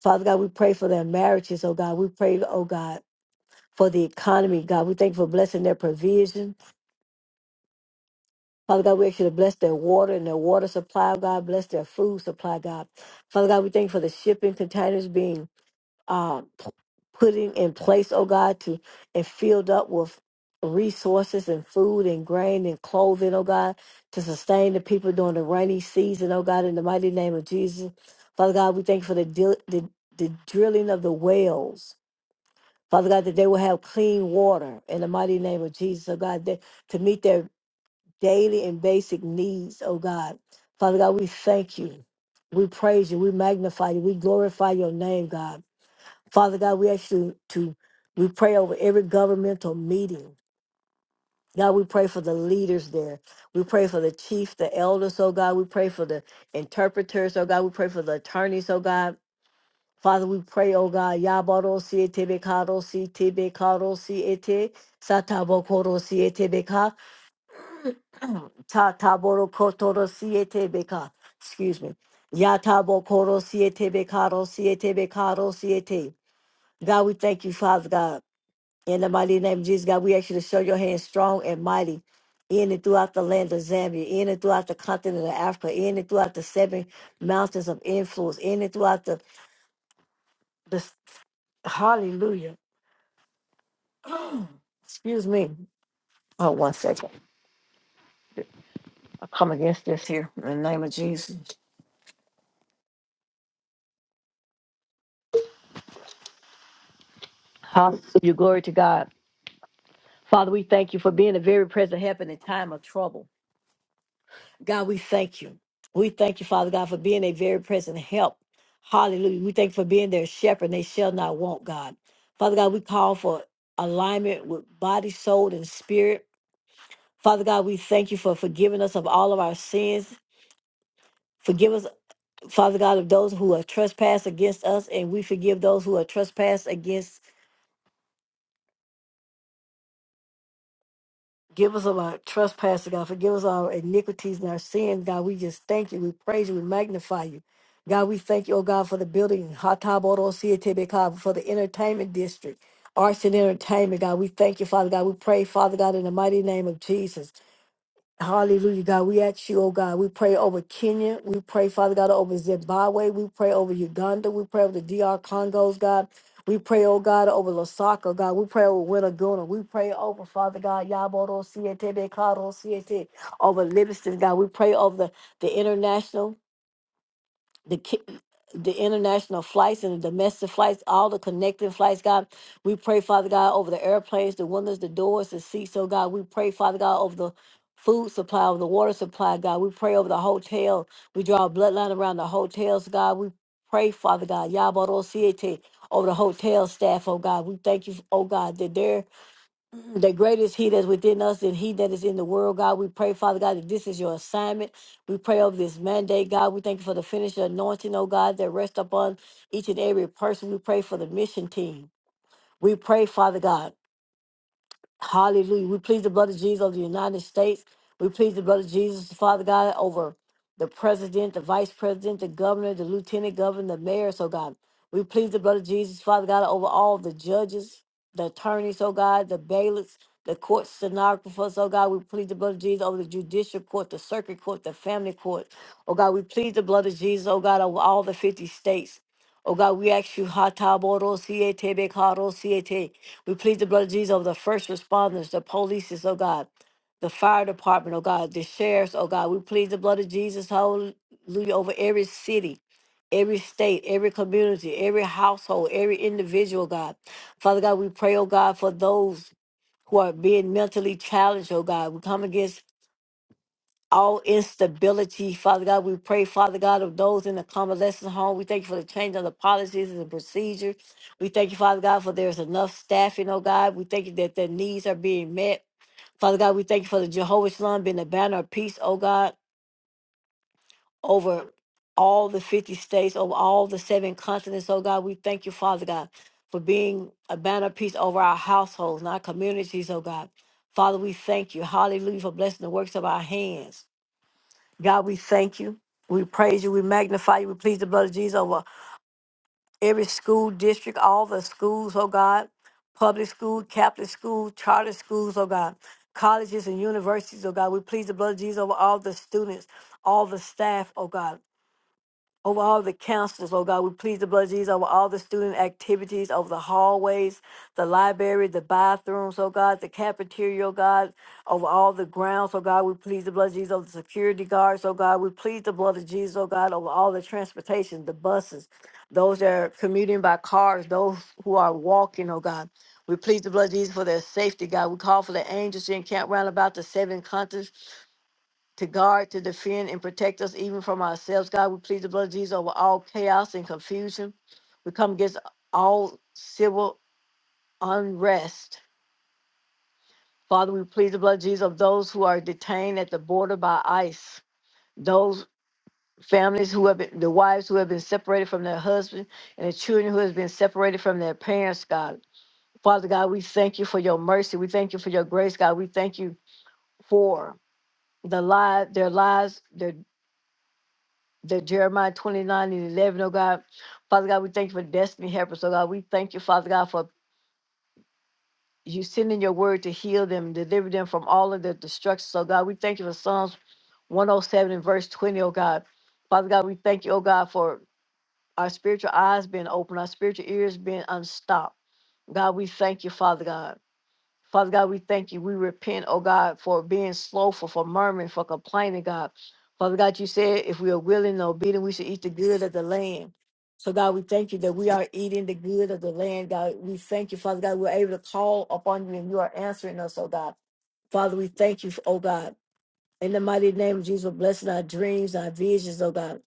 Father God, we pray for their marriages, oh God. We pray, oh God, for the economy, God. We thank you for blessing their provision. Father God, we actually bless their water and their water supply, oh God. Bless their food supply, God. Father God, we thank you for the shipping containers being uh, p- putting in place, oh God, to and filled up with resources and food and grain and clothing, oh God, to sustain the people during the rainy season, oh God, in the mighty name of Jesus. Father God, we thank you for the, dil- the, the drilling of the wells. Father God, that they will have clean water in the mighty name of Jesus, oh God, that, to meet their daily and basic needs, oh God. Father God, we thank you. We praise you. We magnify you. We glorify your name, God. Father God, we ask you to we pray over every governmental meeting. God, we pray for the leaders there. We pray for the chief, the elders, oh God. We pray for the interpreters, oh God. We pray for the attorneys, oh God. Father, we pray, oh God, Yabaro Siete Kado si Siete Bekado Siete Satabo Koro Siete Beka Ta Taboro Kotoro Siete Beka. Excuse me. Yatabo Koro Siete Bekado Siete Bekado Siete. God, we thank you, Father God. In the mighty name of Jesus, God, we ask you to show your hand strong and mighty in and throughout the land of Zambia, in and throughout the continent of Africa, in and throughout the seven mountains of influence, in and throughout the, the hallelujah. Excuse me. Oh, one second. I come against this here in the name of Jesus. Hallelujah. Glory to God. Father, we thank you for being a very present help in a time of trouble. God, we thank you. We thank you, Father God, for being a very present help. Hallelujah. We thank you for being their shepherd. and They shall not want, God. Father God, we call for alignment with body, soul, and spirit. Father God, we thank you for forgiving us of all of our sins. Forgive us, Father God, of those who have trespassed against us, and we forgive those who have trespassed against Give us of our trespasses, God. Forgive us our iniquities and our sins, God. We just thank you. We praise you. We magnify you. God, we thank you, oh God, for the building, Hatabodosiatebeka, for the entertainment district, arts and entertainment, God. We thank you, Father God. We pray, Father God, in the mighty name of Jesus. Hallelujah, God. We ask you, oh God, we pray over Kenya. We pray, Father God, over Zimbabwe. We pray over Uganda. We pray over the DR Congos, God. We pray, oh God, over Lusaka, God. We pray over Winnaguna. We pray over, Father God, Yaboro Siete, Bekaro Siete, over Livingston, God. We pray over the, the international the ki- the international flights and the domestic flights, all the connecting flights, God. We pray, Father God, over the airplanes, the windows, the doors, the seats, oh God. We pray, Father God, over the food supply, over the water supply, God. We pray over the hotel. We draw a bloodline around the hotels, God. We pray, Father God, Yabaro Siete, over the hotel staff, oh God. We thank you, oh God, that they're the greatest he that's within us than he that is in the world, God. We pray, Father God, that this is your assignment. We pray over this mandate, God. We thank you for the finished anointing, oh God, that rests upon each and every person. We pray for the mission team. We pray, Father God. Hallelujah. We plead the blood of Jesus over the United States. We plead the blood of Jesus, Father God, over the president, the vice president, the governor, the lieutenant governor, the mayor, so God. We plead the blood of Jesus, Father God, over all the judges, the attorneys, oh God, the bailiffs, the court stenographers, oh God. We plead the blood of Jesus over the judicial court, the circuit court, the family court. Oh God, we plead the blood of Jesus, oh God, over all the 50 states. Oh God, we ask you, Hata Siete Bekaro we plead the blood of Jesus over the first responders, the police, oh God, the fire department, oh God, the sheriffs, oh God. We plead the blood of Jesus, hallelujah, over every city, every state, every community, every household, every individual, God. Father God, we pray, oh God, for those who are being mentally challenged, oh God. We come against all instability, Father God. We pray, Father God, of those in the convalescent home. We thank you for the change of the policies and the procedures. We thank you, Father God, for there's enough staffing, oh God. We thank you that their needs are being met. Father God, we thank you for the Jehovah's Shalom being the banner of peace, oh God, over all the 50 states, over all the seven continents, oh God. We thank you, Father God, for being a banner of peace over our households and our communities, oh God. Father, we thank you. Hallelujah for blessing the works of our hands. God, we thank you. We praise you. We magnify you. We please the blood of Jesus over every school district, all the schools, oh God, public school, Catholic school, charter schools, oh God, colleges and universities, oh God. We please the blood of Jesus over all the students, all the staff, oh God over all the counselors, oh God. We please the blood of Jesus over all the student activities, over the hallways, the library, the bathrooms, oh God, the cafeteria, oh God, over all the grounds, oh God. We please the blood of Jesus over the security guards, oh God. We please the blood of Jesus, oh God, over all the transportation, the buses, those that are commuting by cars, those who are walking, oh God. We please the blood of Jesus for their safety, God. We call for the angels to encamp round about the seven continents to guard, to defend, and protect us even from ourselves. God, we plead the blood of Jesus over all chaos and confusion. We come against all civil unrest. Father, we plead the blood of Jesus of those who are detained at the border by ICE, those families who have been, the wives who have been separated from their husband, and the children who have been separated from their parents, God. Father God, we thank you for your mercy. We thank you for your grace, God. We thank you for the lives, their lives, their. the Jeremiah 29 and 11, oh God. Father God, we thank you for destiny helpers, oh God. We thank you, Father God, for you sending your word to heal them, deliver them from all of their destructions, oh God. We thank you for Psalms 107 and verse 20, oh God. Father God, we thank you, oh God, for our spiritual eyes being open, our spiritual ears being unstopped. God, we thank you, Father God. Father God, we thank you. We repent, oh God, for being slowful, for murmuring, for complaining, God. Father God, you said if we are willing and obedient, we should eat the good of the land. So God, we thank you that we are eating the good of the land, God. We thank you, Father God, we're able to call upon you and you are answering us, oh God. Father, we thank you, oh God. In the mighty name of Jesus, we're blessing our dreams, our visions, oh God.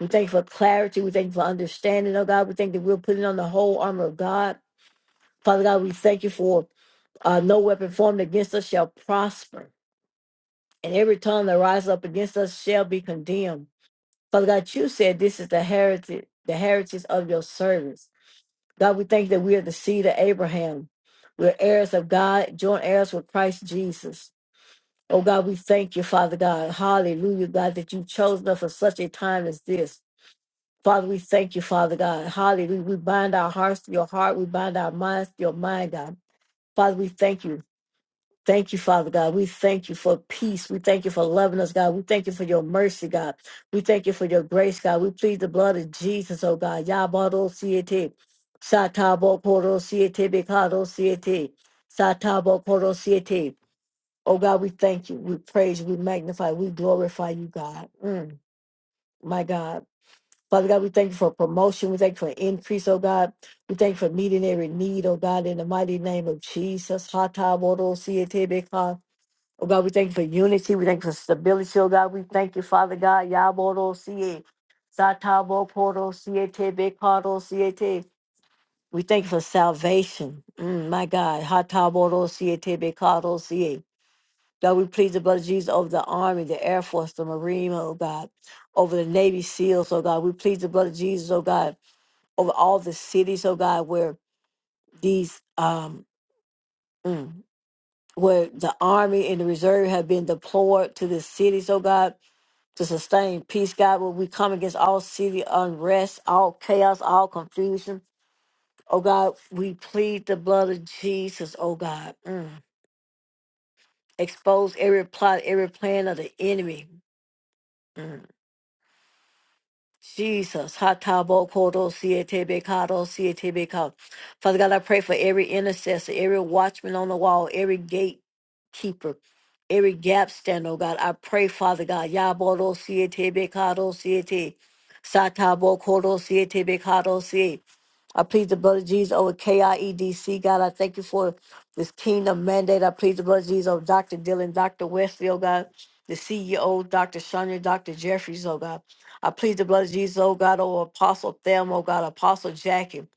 We thank you for clarity. We thank you for understanding, oh God. We thank that we're putting on the whole armor of God Father God, we thank you for uh, no weapon formed against us shall prosper, and every tongue that rises up against us shall be condemned. Father God, you said this is the heritage, the heritage of your servants. God, we thank you that we are the seed of Abraham. We're heirs of God, joint heirs with Christ Jesus. Oh God, we thank you, Father God. Hallelujah, God, that you chose us for such a time as this. Father, we thank you, Father God. Hallelujah. We bind our hearts to your heart. We bind our minds to your mind, God. Father, we thank you. Thank you, Father God. We thank you for peace. We thank you for loving us, God. We thank you for your mercy, God. We thank you for your grace, God. We plead the blood of Jesus, oh God. Yabado siete. Satabo koro siete bekado siete. Satabo koro siete. Oh God, we thank you. We praise you. We magnify. We glorify you, God. Mm, my God. Father God, we thank you for promotion. We thank you for increase, oh God. We thank you for meeting every need, oh God, in the mighty name of Jesus. Hatabo siete bekado. Oh God, we thank you for unity. We thank you for stability. Oh God, we thank you, Father God. Yaboro siye. Satabo poro siye te bekaro siye te. We thank you for salvation. Mm, my God. Hataboro siye te bekaro siye. God, we plead the blood of Jesus over the Army, the Air Force, the Marine, oh God, over the Navy SEALs, oh God. We plead the blood of Jesus, oh God, over all the cities, oh God, where these um mm, where the Army and the Reserve have been deployed to the cities, oh God. to sustain peace, God, where we come against all city unrest, all chaos, all confusion. Oh God, we plead the blood of Jesus, oh God. Mm. Expose every plot, every plan of the enemy. Mm. Jesus, Hatabo Kodo Sietebe Kado Sietebe Kado. Father God, I pray for every intercessor, every watchman on the wall, every gatekeeper, every gap stand, oh God. I pray, Father God, Yabodo Sietebe Kado Siete, Satabo Kodo Sietebe Kado Siete. I plead the blood of Jesus over KIEDC. God, I thank you for this kingdom mandate. I plead the blood of Jesus over Dr. Dylan, Dr. Westfield, God, the CEO, Dr. Shania, Dr. Jeffries, oh God. I plead the blood of Jesus, oh God, over Apostle Thelma, oh God, Apostle Jackie,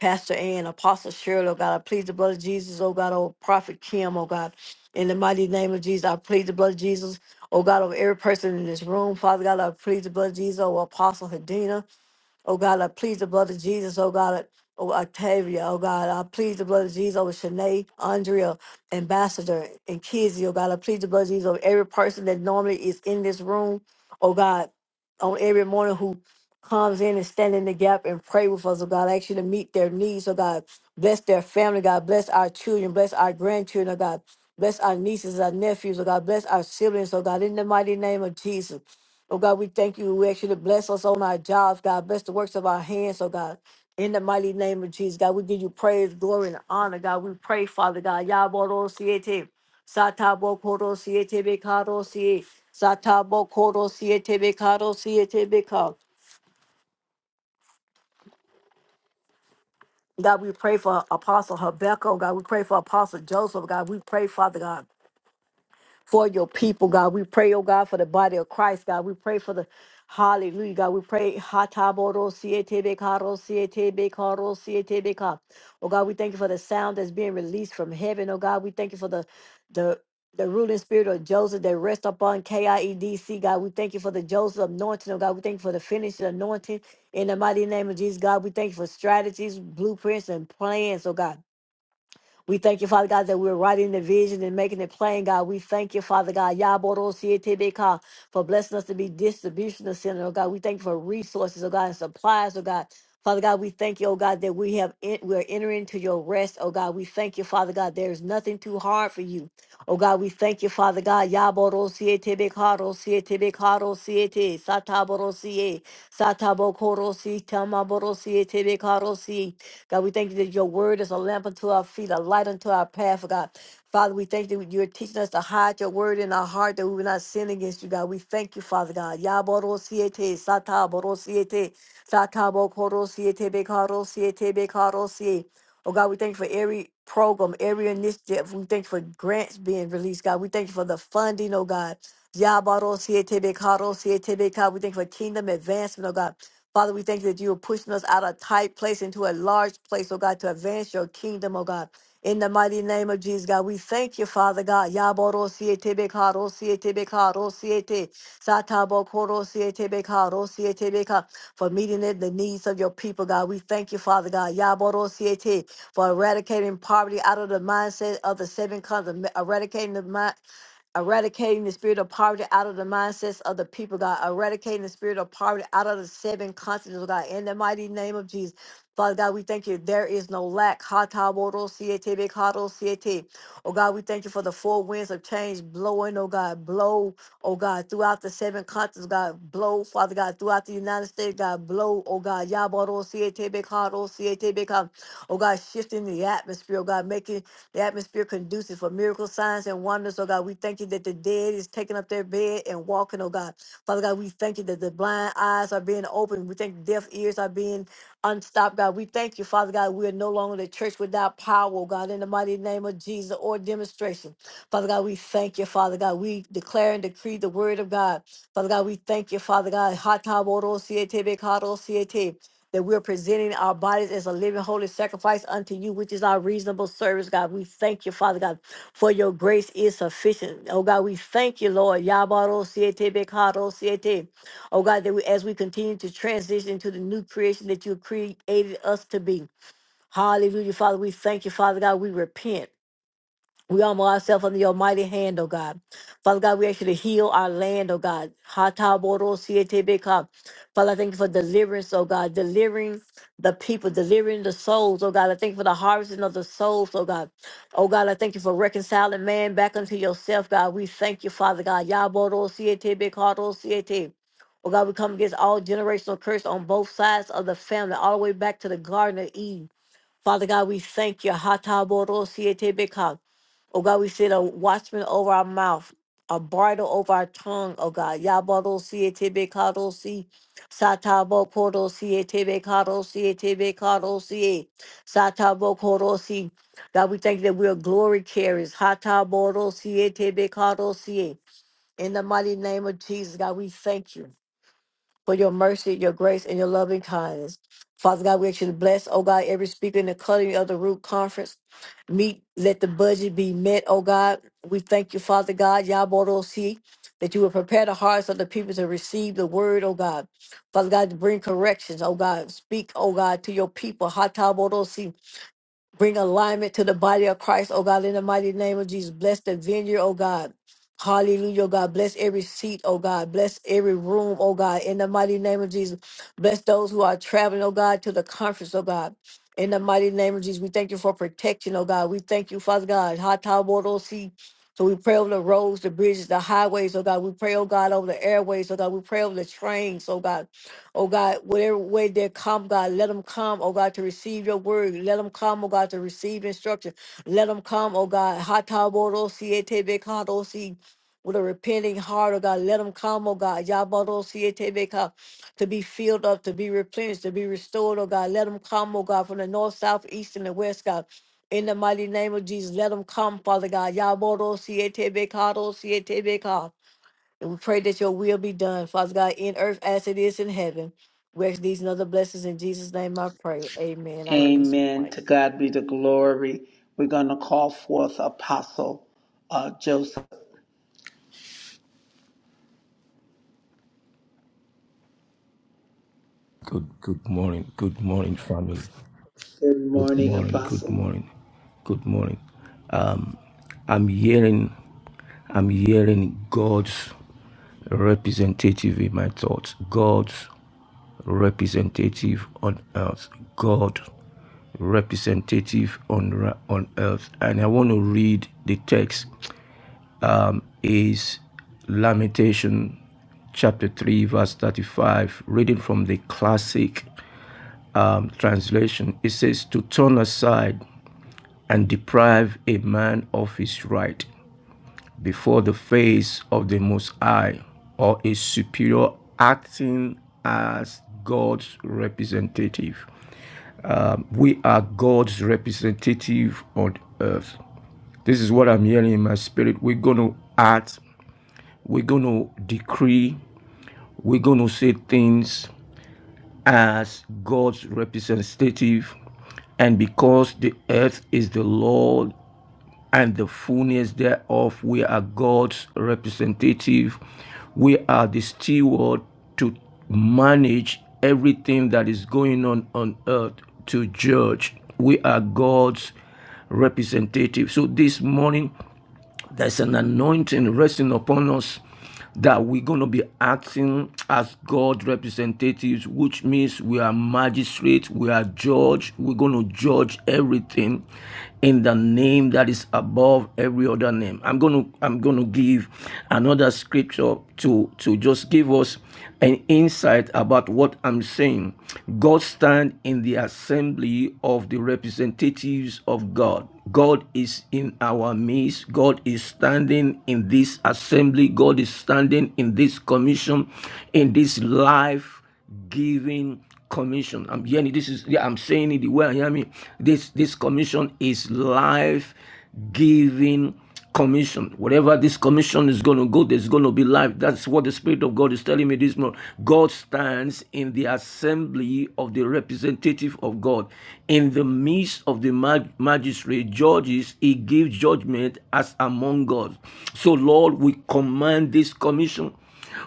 Pastor Ann, Apostle Shirley, oh God. I plead the blood of Jesus, oh God, over Prophet Kim, oh God. In the mighty name of Jesus, I plead the blood of Jesus, oh God, over every person in this room. Father God, I plead the blood of Jesus over Apostle Hadena. Oh God, I please the blood of Jesus. Oh God, I- oh Octavia. Oh God, I please the blood of Jesus over Shanae, Andrea, Ambassador, and Kizzy. Oh God, I please the blood of Jesus over every person that normally is in this room. Oh God, on every morning who comes in and stand in the gap and pray with us. Oh God, I ask you to meet their needs. Oh God, bless their family. God, bless our children. Bless our grandchildren. Oh God, bless our nieces, our nephews. Oh God, bless our siblings. Oh God, in the mighty name of Jesus. Oh God, we thank you. We ask you to bless us on our jobs, God. Bless the works of our hands, oh God. In the mighty name of Jesus, God, we give you praise, glory, and honor, God. We pray, Father God. Yaboro siete. Satabo koro siete bekaro siete. Satabo koro siete bekaro siete bekaro. God, we pray for Apostle Habakkuk, oh, God. We pray for Apostle Joseph, God. We pray, Father God. for your people, God. We pray, oh God, for the body of Christ, God. We pray for the Hallelujah, God. We pray. Hataboro siete bekaro siete bekaro siete beka. Oh God, we thank you for the sound that's being released from heaven. Oh God, we thank you for the the the ruling spirit of Joseph that rests upon KIEDC, God. We thank you for the Joseph anointing, oh God. We thank you for the finished anointing in the mighty name of Jesus, God. We thank you for strategies, blueprints, and plans, oh God. We thank you, Father God, that we're writing the vision and making it plain, God. We thank you, Father God, Yaborosietebeka, for blessing us to be distribution center, oh God. We thank you for resources, oh God, and supplies, oh God. Father God, we thank you, oh God, that we have en- we're entering into your rest, oh God. We thank you, Father God. There is nothing too hard for you. Oh God, we thank you, Father God. Yaborosietebeka, rosietebeka, rosiete, sataborosiete. Satabokorosi, Tamaborosietebekarosi. God, we thank you that your word is a lamp unto our feet, a light unto our path, God. Father, we thank you that you're teaching us to hide your word in our heart that we will not sin against you, God. We thank you, Father God. Yaborosiete, Sataborosiete, Satabokorosiete, Bekarosiete, Bekarosie. Oh God, we thank you for every program, every initiative. We thank you for grants being released, God. We thank you for the funding, oh God. Yabarosiete, Bekarosiete, Bekar. We thank you for kingdom advancement, oh God. Father, we thank you that you are pushing us out of a tight place into a large place, oh God, to advance your kingdom, oh God. In the mighty name of Jesus, God, we thank you, Father God. Yaboro siete beka, ro siete beka, ro siete, satabo koro siete beka, ro siete beka, for meeting the the needs of your people, God. We thank you, Father God. Yaboro siete, for eradicating poverty out of the mindset of the seven continents, eradicating the mind eradicating the spirit of poverty out of the mindsets of the people, God, eradicating the spirit of poverty out of the seven continents, oh God, in the mighty name of Jesus. Father God, we thank you. There is no lack. Ha ta bo ro si e te be ka ro si e te. Oh God, we thank you for the four winds of change blowing, oh God, blow, oh God, throughout the seven continents, God, blow, Father God, throughout the United States, God, blow, oh God, Ya bo ro si e te be ka ro si e te be ka. oh God, shifting the atmosphere, oh God, making the atmosphere conducive for miracles, signs, and wonders. Oh God, we thank you that the dead is taking up their bed and walking, oh God. Father God, we thank you that the blind eyes are being opened. We thank deaf ears are being unstopped, God. We thank you, Father God, we are no longer the church without power, oh God, in the mighty name of Jesus or demonstration. Father God, we thank you, Father God. We declare and decree the word of God. Father God, we thank you, Father God. that we're presenting our bodies as a living holy sacrifice unto you, which is our reasonable service, God. We thank you, Father God, for your grace is sufficient. Oh God, we thank you, Lord. Yabaro siete bekaro siete. Oh God, that we as we continue to transition to the new creation that you created us to be. Hallelujah, Father. We thank you, Father God. We repent. We humble ourselves under your mighty hand, oh God. Father God, we ask you to heal our land, oh God. Hatabodosietebeka. Father, I thank you for deliverance, oh God, delivering the people, delivering the souls, oh God. I thank you for the harvesting of the souls, oh God. Oh God, I thank you for reconciling man back unto yourself, God. We thank you, Father God. Yabodosietebekadosiete. Oh God, we come against all generational curse on both sides of the family, all the way back to the Garden of Eden. Father God, we thank you. Hatabodosietebeka. Oh God, we sit a watchman over our mouth, a bridle over our tongue, oh God. Yabado siete kado si satabo kodo siete kado siete kado si satabo kodo si. God, we thank you that we are glory carriers. Hatabodo siete kado si. In the mighty name of Jesus, God, we thank you for your mercy, your grace, and your loving kindness. Father God, we ask you to bless, oh God, every speaker in the cutting of the root conference. Meet, let the budget be met, oh God. We thank you, Father God, Yaborosi, that you will prepare the hearts of the people to receive the word, oh God. Father God, to bring corrections, oh God. Speak, oh God, to your people, Hataborosi. Bring alignment to the body of Christ, oh God, in the mighty name of Jesus. Bless the vineyard, oh God. Hallelujah, oh God. Bless every seat, oh God. Bless every room, oh God, in the mighty name of Jesus. Bless those who are traveling, oh God, to the conference, oh God. In the mighty name of Jesus, we thank you for protection, oh God. We thank you, Father God. Ha-ta-bo-do-si. So we pray over the roads, the bridges, the highways, oh God. We pray, oh God, over the airways, oh God. We pray over the trains, oh God. Oh God, whatever way they come, God, let them come, oh God, to receive your word. Let them come, oh God, to receive instruction. Let them come, oh God. Hatabodosietebekadosi, With a repenting heart, oh God, let them come, oh God. Yabodosietebeka, To be filled up, to be replenished, to be restored, oh God. Let them come, oh God, from the north, south, east, and the west, God. In the mighty name of Jesus, let them come, Father God. Yabodosietebekadosietebeka. And we pray that your will be done, Father God, in earth as it is in heaven. We ask these and other blessings in Jesus' name I pray. Amen. I release my Amen. mic. To God be the glory. We're going to call forth Apostle uh, Joseph. Good good morning. Good morning, family. Good Good morning, morning. Good Apostle. morning. Good morning. I'm hearing I'm hearing God's representative in my thoughts. God's representative on earth. God representative on ra- on earth. And I want to read the text is Lamentation chapter 3 verse 35 reading from the classic um, translation it says to turn aside and deprive a man of his right before the face of the Most High, or a superior acting as God's representative. Um, we are God's representative on earth. This is what I'm hearing in my spirit. We're going to act, we're going to decree, we're going to say things as God's representative. And because the earth is the Lord and the fullness thereof. We are God's representative. We are the steward to manage everything that is going on on earth to judge. We are God's representative. So this morning, there's an anointing resting upon us that we're going to be acting as God representatives, which means we are magistrates, we are judge, we're going to judge everything in the name that is above every other name. I'm going to I'm going to give another scripture to to just give us an insight about what I'm saying. God stand in the assembly of the representatives of God. God is in our midst. God is standing in this assembly, God is standing in this commission, in this life giving commission. I'm hearing this is yeah, I'm saying it the way I hear me. This this commission is life giving commission. Whatever this commission is going to go, there's going to be life. That's what the Spirit of God is telling me this morning. God stands in the assembly of the representative of God. In the midst of the mag- magistrate, judges, he gives judgment as among among us. So, Lord, we command this commission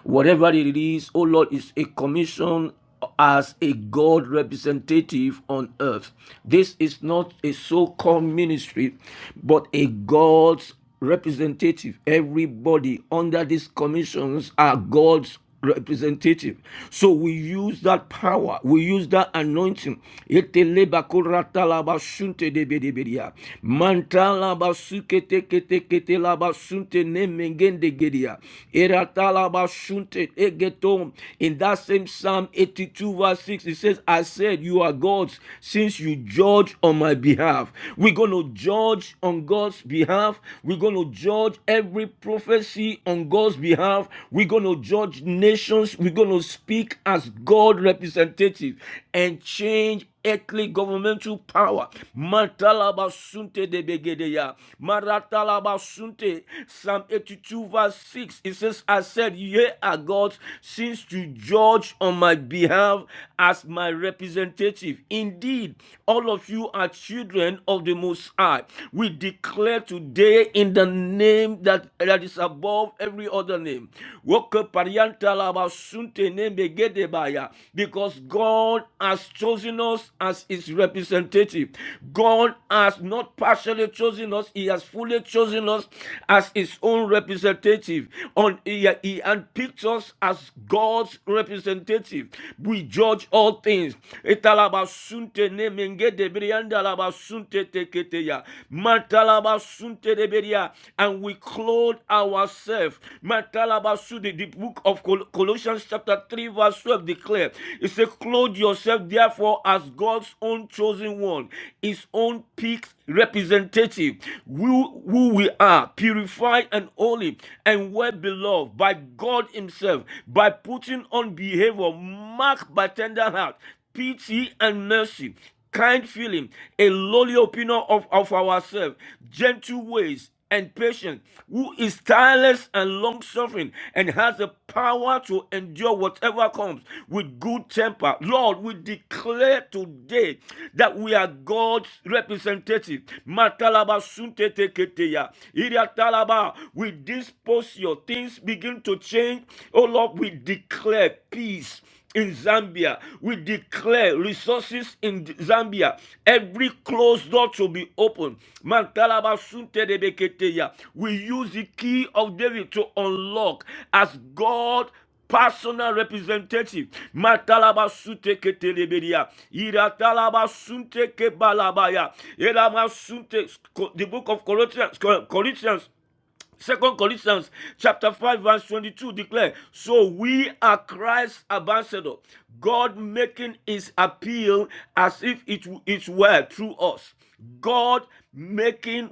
whatever it is, oh Lord, is a commission as a God representative on earth. This is not a so called ministry, but a God's representative. Everybody under these commissions are God's representative. So we use that power, we use that anointing. In that same Psalm 82, verse 6, it says, I said, You are God's since you judge on my behalf. We're going to judge on God's behalf. We're going to judge every prophecy on God's behalf. We're going to judge nations. We're going to speak as God representative and change earthly governmental power. Matalaba sunte de begedeya. Maratalaba sunte. Psalm 82 verse 6. It says, I said, Ye are gods, since to judge on my behalf as my representative. Indeed, all of you are children of the Most High. We declare today in the name that, that is above every other name. Woke parianta laba sunte nembe gedebaya. Because God has chosen us as his representative. God has not partially chosen us, he has fully chosen us as his own representative. On he, he handpicked us as God's representative. We judge all things. Italaba sunte de menge de brianda la basunte tekete ya. Matala basunte de beria. And we clothe ourselves. Matala basu the, book of Col- Colossians chapter 3 verse 12 declares It says, clothe yourself therefore as God's own chosen one, his own peak representative, who, who we are, purified and holy and well beloved by God himself, by putting on behavior marked by tender heart, pity and mercy kind feeling, a lowly opinion of, of ourselves, gentle ways, and patience, who is tireless and long suffering and has the power to endure whatever comes with good temper. Lord, we declare today that we are God's representative. Matalaba suntete keteya. Iriatalaba. With this posture, things begin to change. Oh Lord, we declare peace in Zambia. We declare resources in Zambia. Every closed door to be opened. Mantalaba sunte de beketeya. We use the key of David to unlock as God personal representative. Matalaba sute ketelebedia. Iratalaba sunte kebalabaya. Elama sunte. The book of Corinthians. Corinthians Second Corinthians chapter 5 verse 22 declare, so we are Christ's ambassador, God making his appeal as if it, it were through us. God making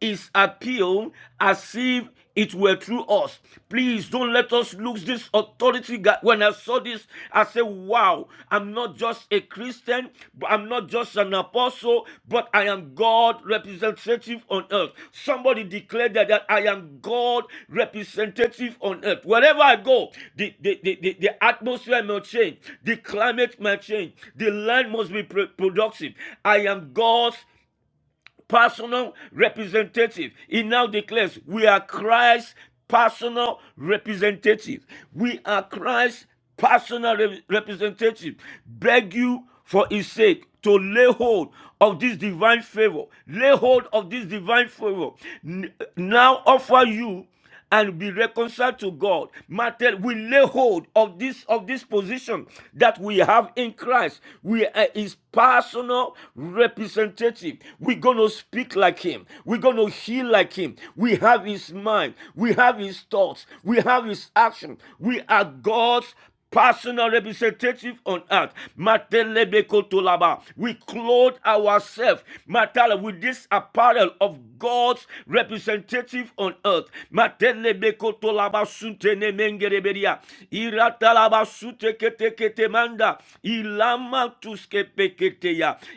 his appeal as if it were through us. Please don't let us lose this authority. God. When I saw this, I said, Wow, I'm not just a Christian, but I'm not just an apostle, but I am God representative on earth. Somebody declared that, that I am God representative on earth. Wherever I go, the, the, the, the, the atmosphere may change, the climate may change, the land must be pro- productive. I am God's personal representative. He now declares, We are Christ's personal representative. We are Christ's personal re- representative. Beg you for his sake to lay hold of this divine favor. Lay hold of this divine favor. N- now offer you and be reconciled to God. Matter we lay hold of this of this position that we have in Christ. We are his personal representative. We're gonna speak like him. We're gonna heal like him. We have his mind. We have his thoughts. We have his action. We are God's personal representative on earth. We clothe ourselves Matala, with this apparel of God's representative on earth.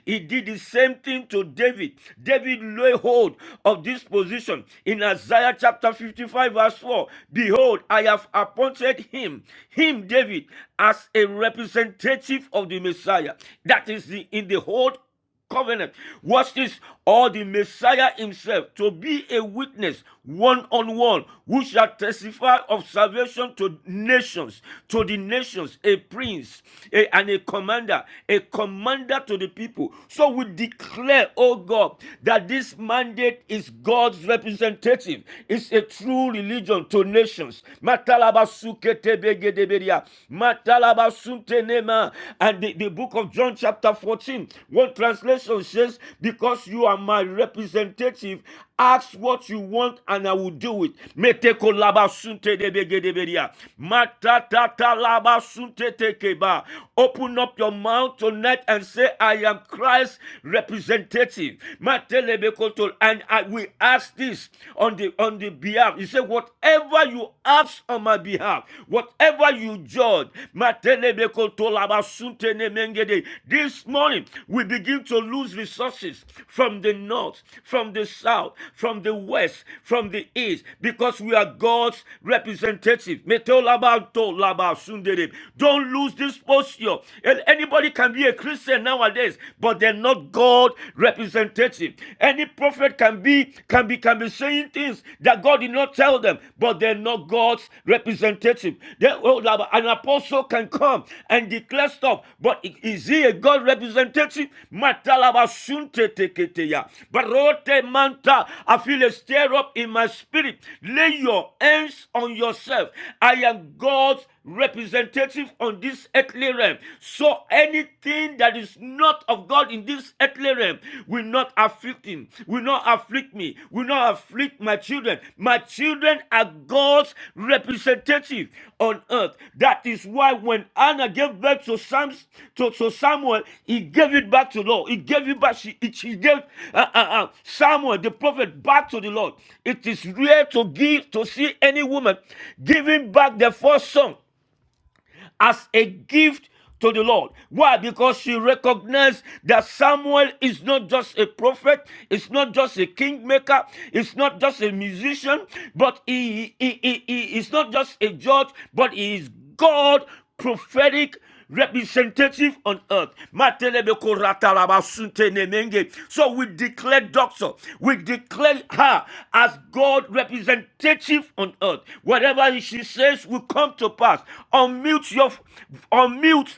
He did the same thing to David. David lay hold of this position in Isaiah chapter 55, verse 4. Behold, Behold, I have appointed him, him David, as a representative of the Messiah. That is the, in the whole covenant. Watch this, or the Messiah himself to be a witness one on one, who shall testify of salvation to nations, to the nations, a prince a- and a commander, a commander to the people. So we declare, oh God, that this mandate is God's representative native. It's a true religion to nations. Matalabasuketebegedeberia. Matalabasuntenema. And the, the book of John, chapter fourteen, one translation says, Because you are my representative, ask what you want and I will do it. Meteko Metekolabasuntedebegedeberia. tekeba. Open up your mouth tonight and say, I am Christ's representative. Matele. And I will ask this on the on the behalf. He said, Whatever you ask on my behalf, whatever you judge, Matelebekoto Labasunte Nemengede. this morning we begin to lose resources from the north, from the south, from the west, from the east, because we are God's representative. Metolabanto Labasundere. Don't lose this posture. And anybody can be a Christian nowadays but they're not God representative. Any prophet can be can be can be saying things that God did not tell them, but they're not God's representative. They, oh, an apostle can come and declare stuff, but is he a God representative? Matalaba sunte teketeya. Barote manta. I feel a stir up in my spirit. Lay your hands on yourself. I am God's representative on this earthly realm. So anything that is not of God in this earthly realm will not afflict him, will not afflict me, will not afflict my children. My children are God's representative on earth. That is why when Anna gave birth to, Sam, to, to Samuel, he gave it back to the Lord. He gave it back. She, she gave uh, uh, uh, Samuel, the prophet, back to the Lord. It is rare to give to see any woman giving back the first son as a gift to the Lord. Why? Because she recognized that Samuel is not just a prophet, it's not just a kingmaker, it's not just a musician, but he, he, he, he is not just a judge, but he is God prophetic representative on earth. So we declare doctor, we declare her as God representative on earth. Whatever she says will come to pass. Unmute your unmute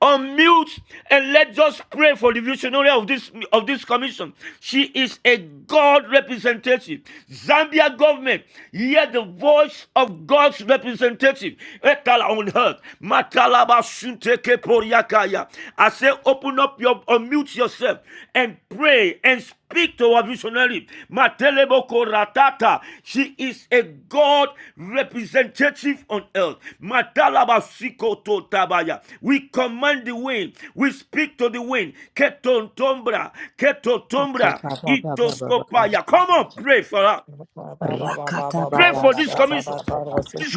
Unmute and let's just pray for the visionary of this of this commission. She is a God representative. Zambia government, hear the voice of God's representative. Etala on earth. Matalaba sunteke poriakaya. I say, open up your, unmute yourself and pray and speak Speak to our visionary. Mateleboko ratata. She is a God representative on earth. Matalabasiko to tabaya. We command the wind. We speak to the wind. Ketontombra. Ketotombra. Rakata baba baba baba Itoskopaya. baba. Come on, pray for her. It's Pray for this commission.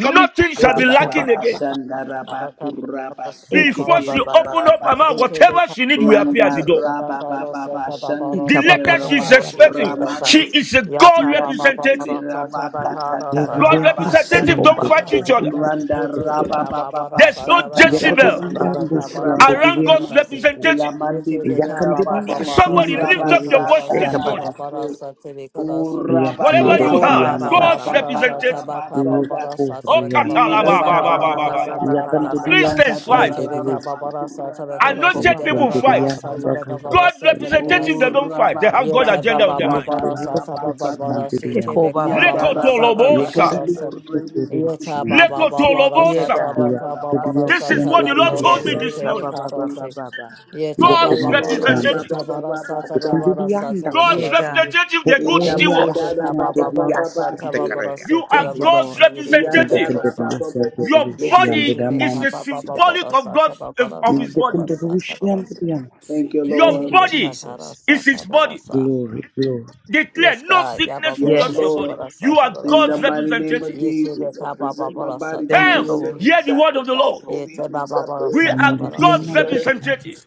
coming. shall Ba, be ba, Eka ba, lacking baba ba, again. baba baba shanda, ra, baba. ba, kura, ba, Eko siki, Before di, baba she baba open baba ra, up her ba, mouth, baba. so. Yet whatever she need will appear at Randa the door. raba baba bashandi The Eka di de baba letter she is baba raba baba baba expecting, she kuramande is baba. a God yandi di representative. de raba katatara God raba Viviana representative Eko don't shanda siendo baba fight each baba other. corriendo, baba Randa baba. raba baba There's no basa ya Eka tatara Jezebel si baba so raba cotorreando baba baba siendo kuraba baba. around se God's viviamando cu, representative. ilamandi ya Yatibika raba Baba candidia Baba kurabasa Somebody siendo lift kuraba up Satabaka your corriendo sa Bada voice Eka this siendo, taraba morning. Sataba baba Bada baba. so Satibikodas ura ya baba Whatever Eko you baba Yata have, raba Baba candidiando basa baba God's si, Baba baba baba tatara representative. baba. raba Satabaka yo sanda Baba Oh, Satabaka corriaba, ira Baba Eka baba Sababa baba baba baba Bada katalabababababaya. baba ya baba baba Satabakadas baba basa candidia Christians baba. fight. tatara siendo Yatibika raba rusi, Baba kuraba Eko Anointed nidi yo Satabakosi baba Deva people baba baba Baba candidia fight. so mandando Satabaka ya baba. Bada God candidia, representative, they Satabakadas don't ura fight. They have God basa Yata agenda on Baba their yo mind. Baba tatara raba corriendo Sataba siendo Baba Eko viviamando, baba Sitibika Baba baba Yandara baba baba ya Lekotolobosa. candidia baba. bashando Satibikadas mando rebi corriendo bibi Yata bibi siendo, Baba bibi Baba seke Yeah, da Lekotolobosa. da God. da ya da Satabaka da candidia baso This is koto siendo what Baba the to Lord to told to Yes. me da da this da morning. buku Yeta Eka-ba-ba-ba-ba-ba. Ye taba God's baba ora rasa baba representatives. taba baba rasa Defendendo so, taba basa baba rasa taba Yekendiriyandawso. baba Yeah, God's rasa ye God. representative, they're good ira ye tebe stewards. taba baba baba baba rasa taba basi baba rasa You taba are Thank Hokoriyabaksiyandeviyasyandekareyakasi. you, baba God's rasa Lord. ye re re da representative. yandara rasa baba baba Your ye se buku body tebe is the taba baba Yekendiriyasyanderushiyanderamandusya. baba symbolic of rasa God's taba baba of, of rasa his taba body. rasa taba rasa Yekendirushiyanderiyamasi. thank you ye Your Thank Lord you, tebe body kata Jesus. rasa is his taba body. rasa Glory, glory. Declare yes no ka ya sickness baba will yes touch rasa your Yes. Lord taba body. rasa You are taba in the God's rasa mighty name of representative. ye tebe Jesus I taba present baba my rasa body to Thank taba you, you a Health, rasa Lord. ye living hear the word of the sacrifice Lord. ye holy and teba baba acceptable We is rasa my are taba reasonable rasa God's ye service representative. Yendiriyamandiriyamasi.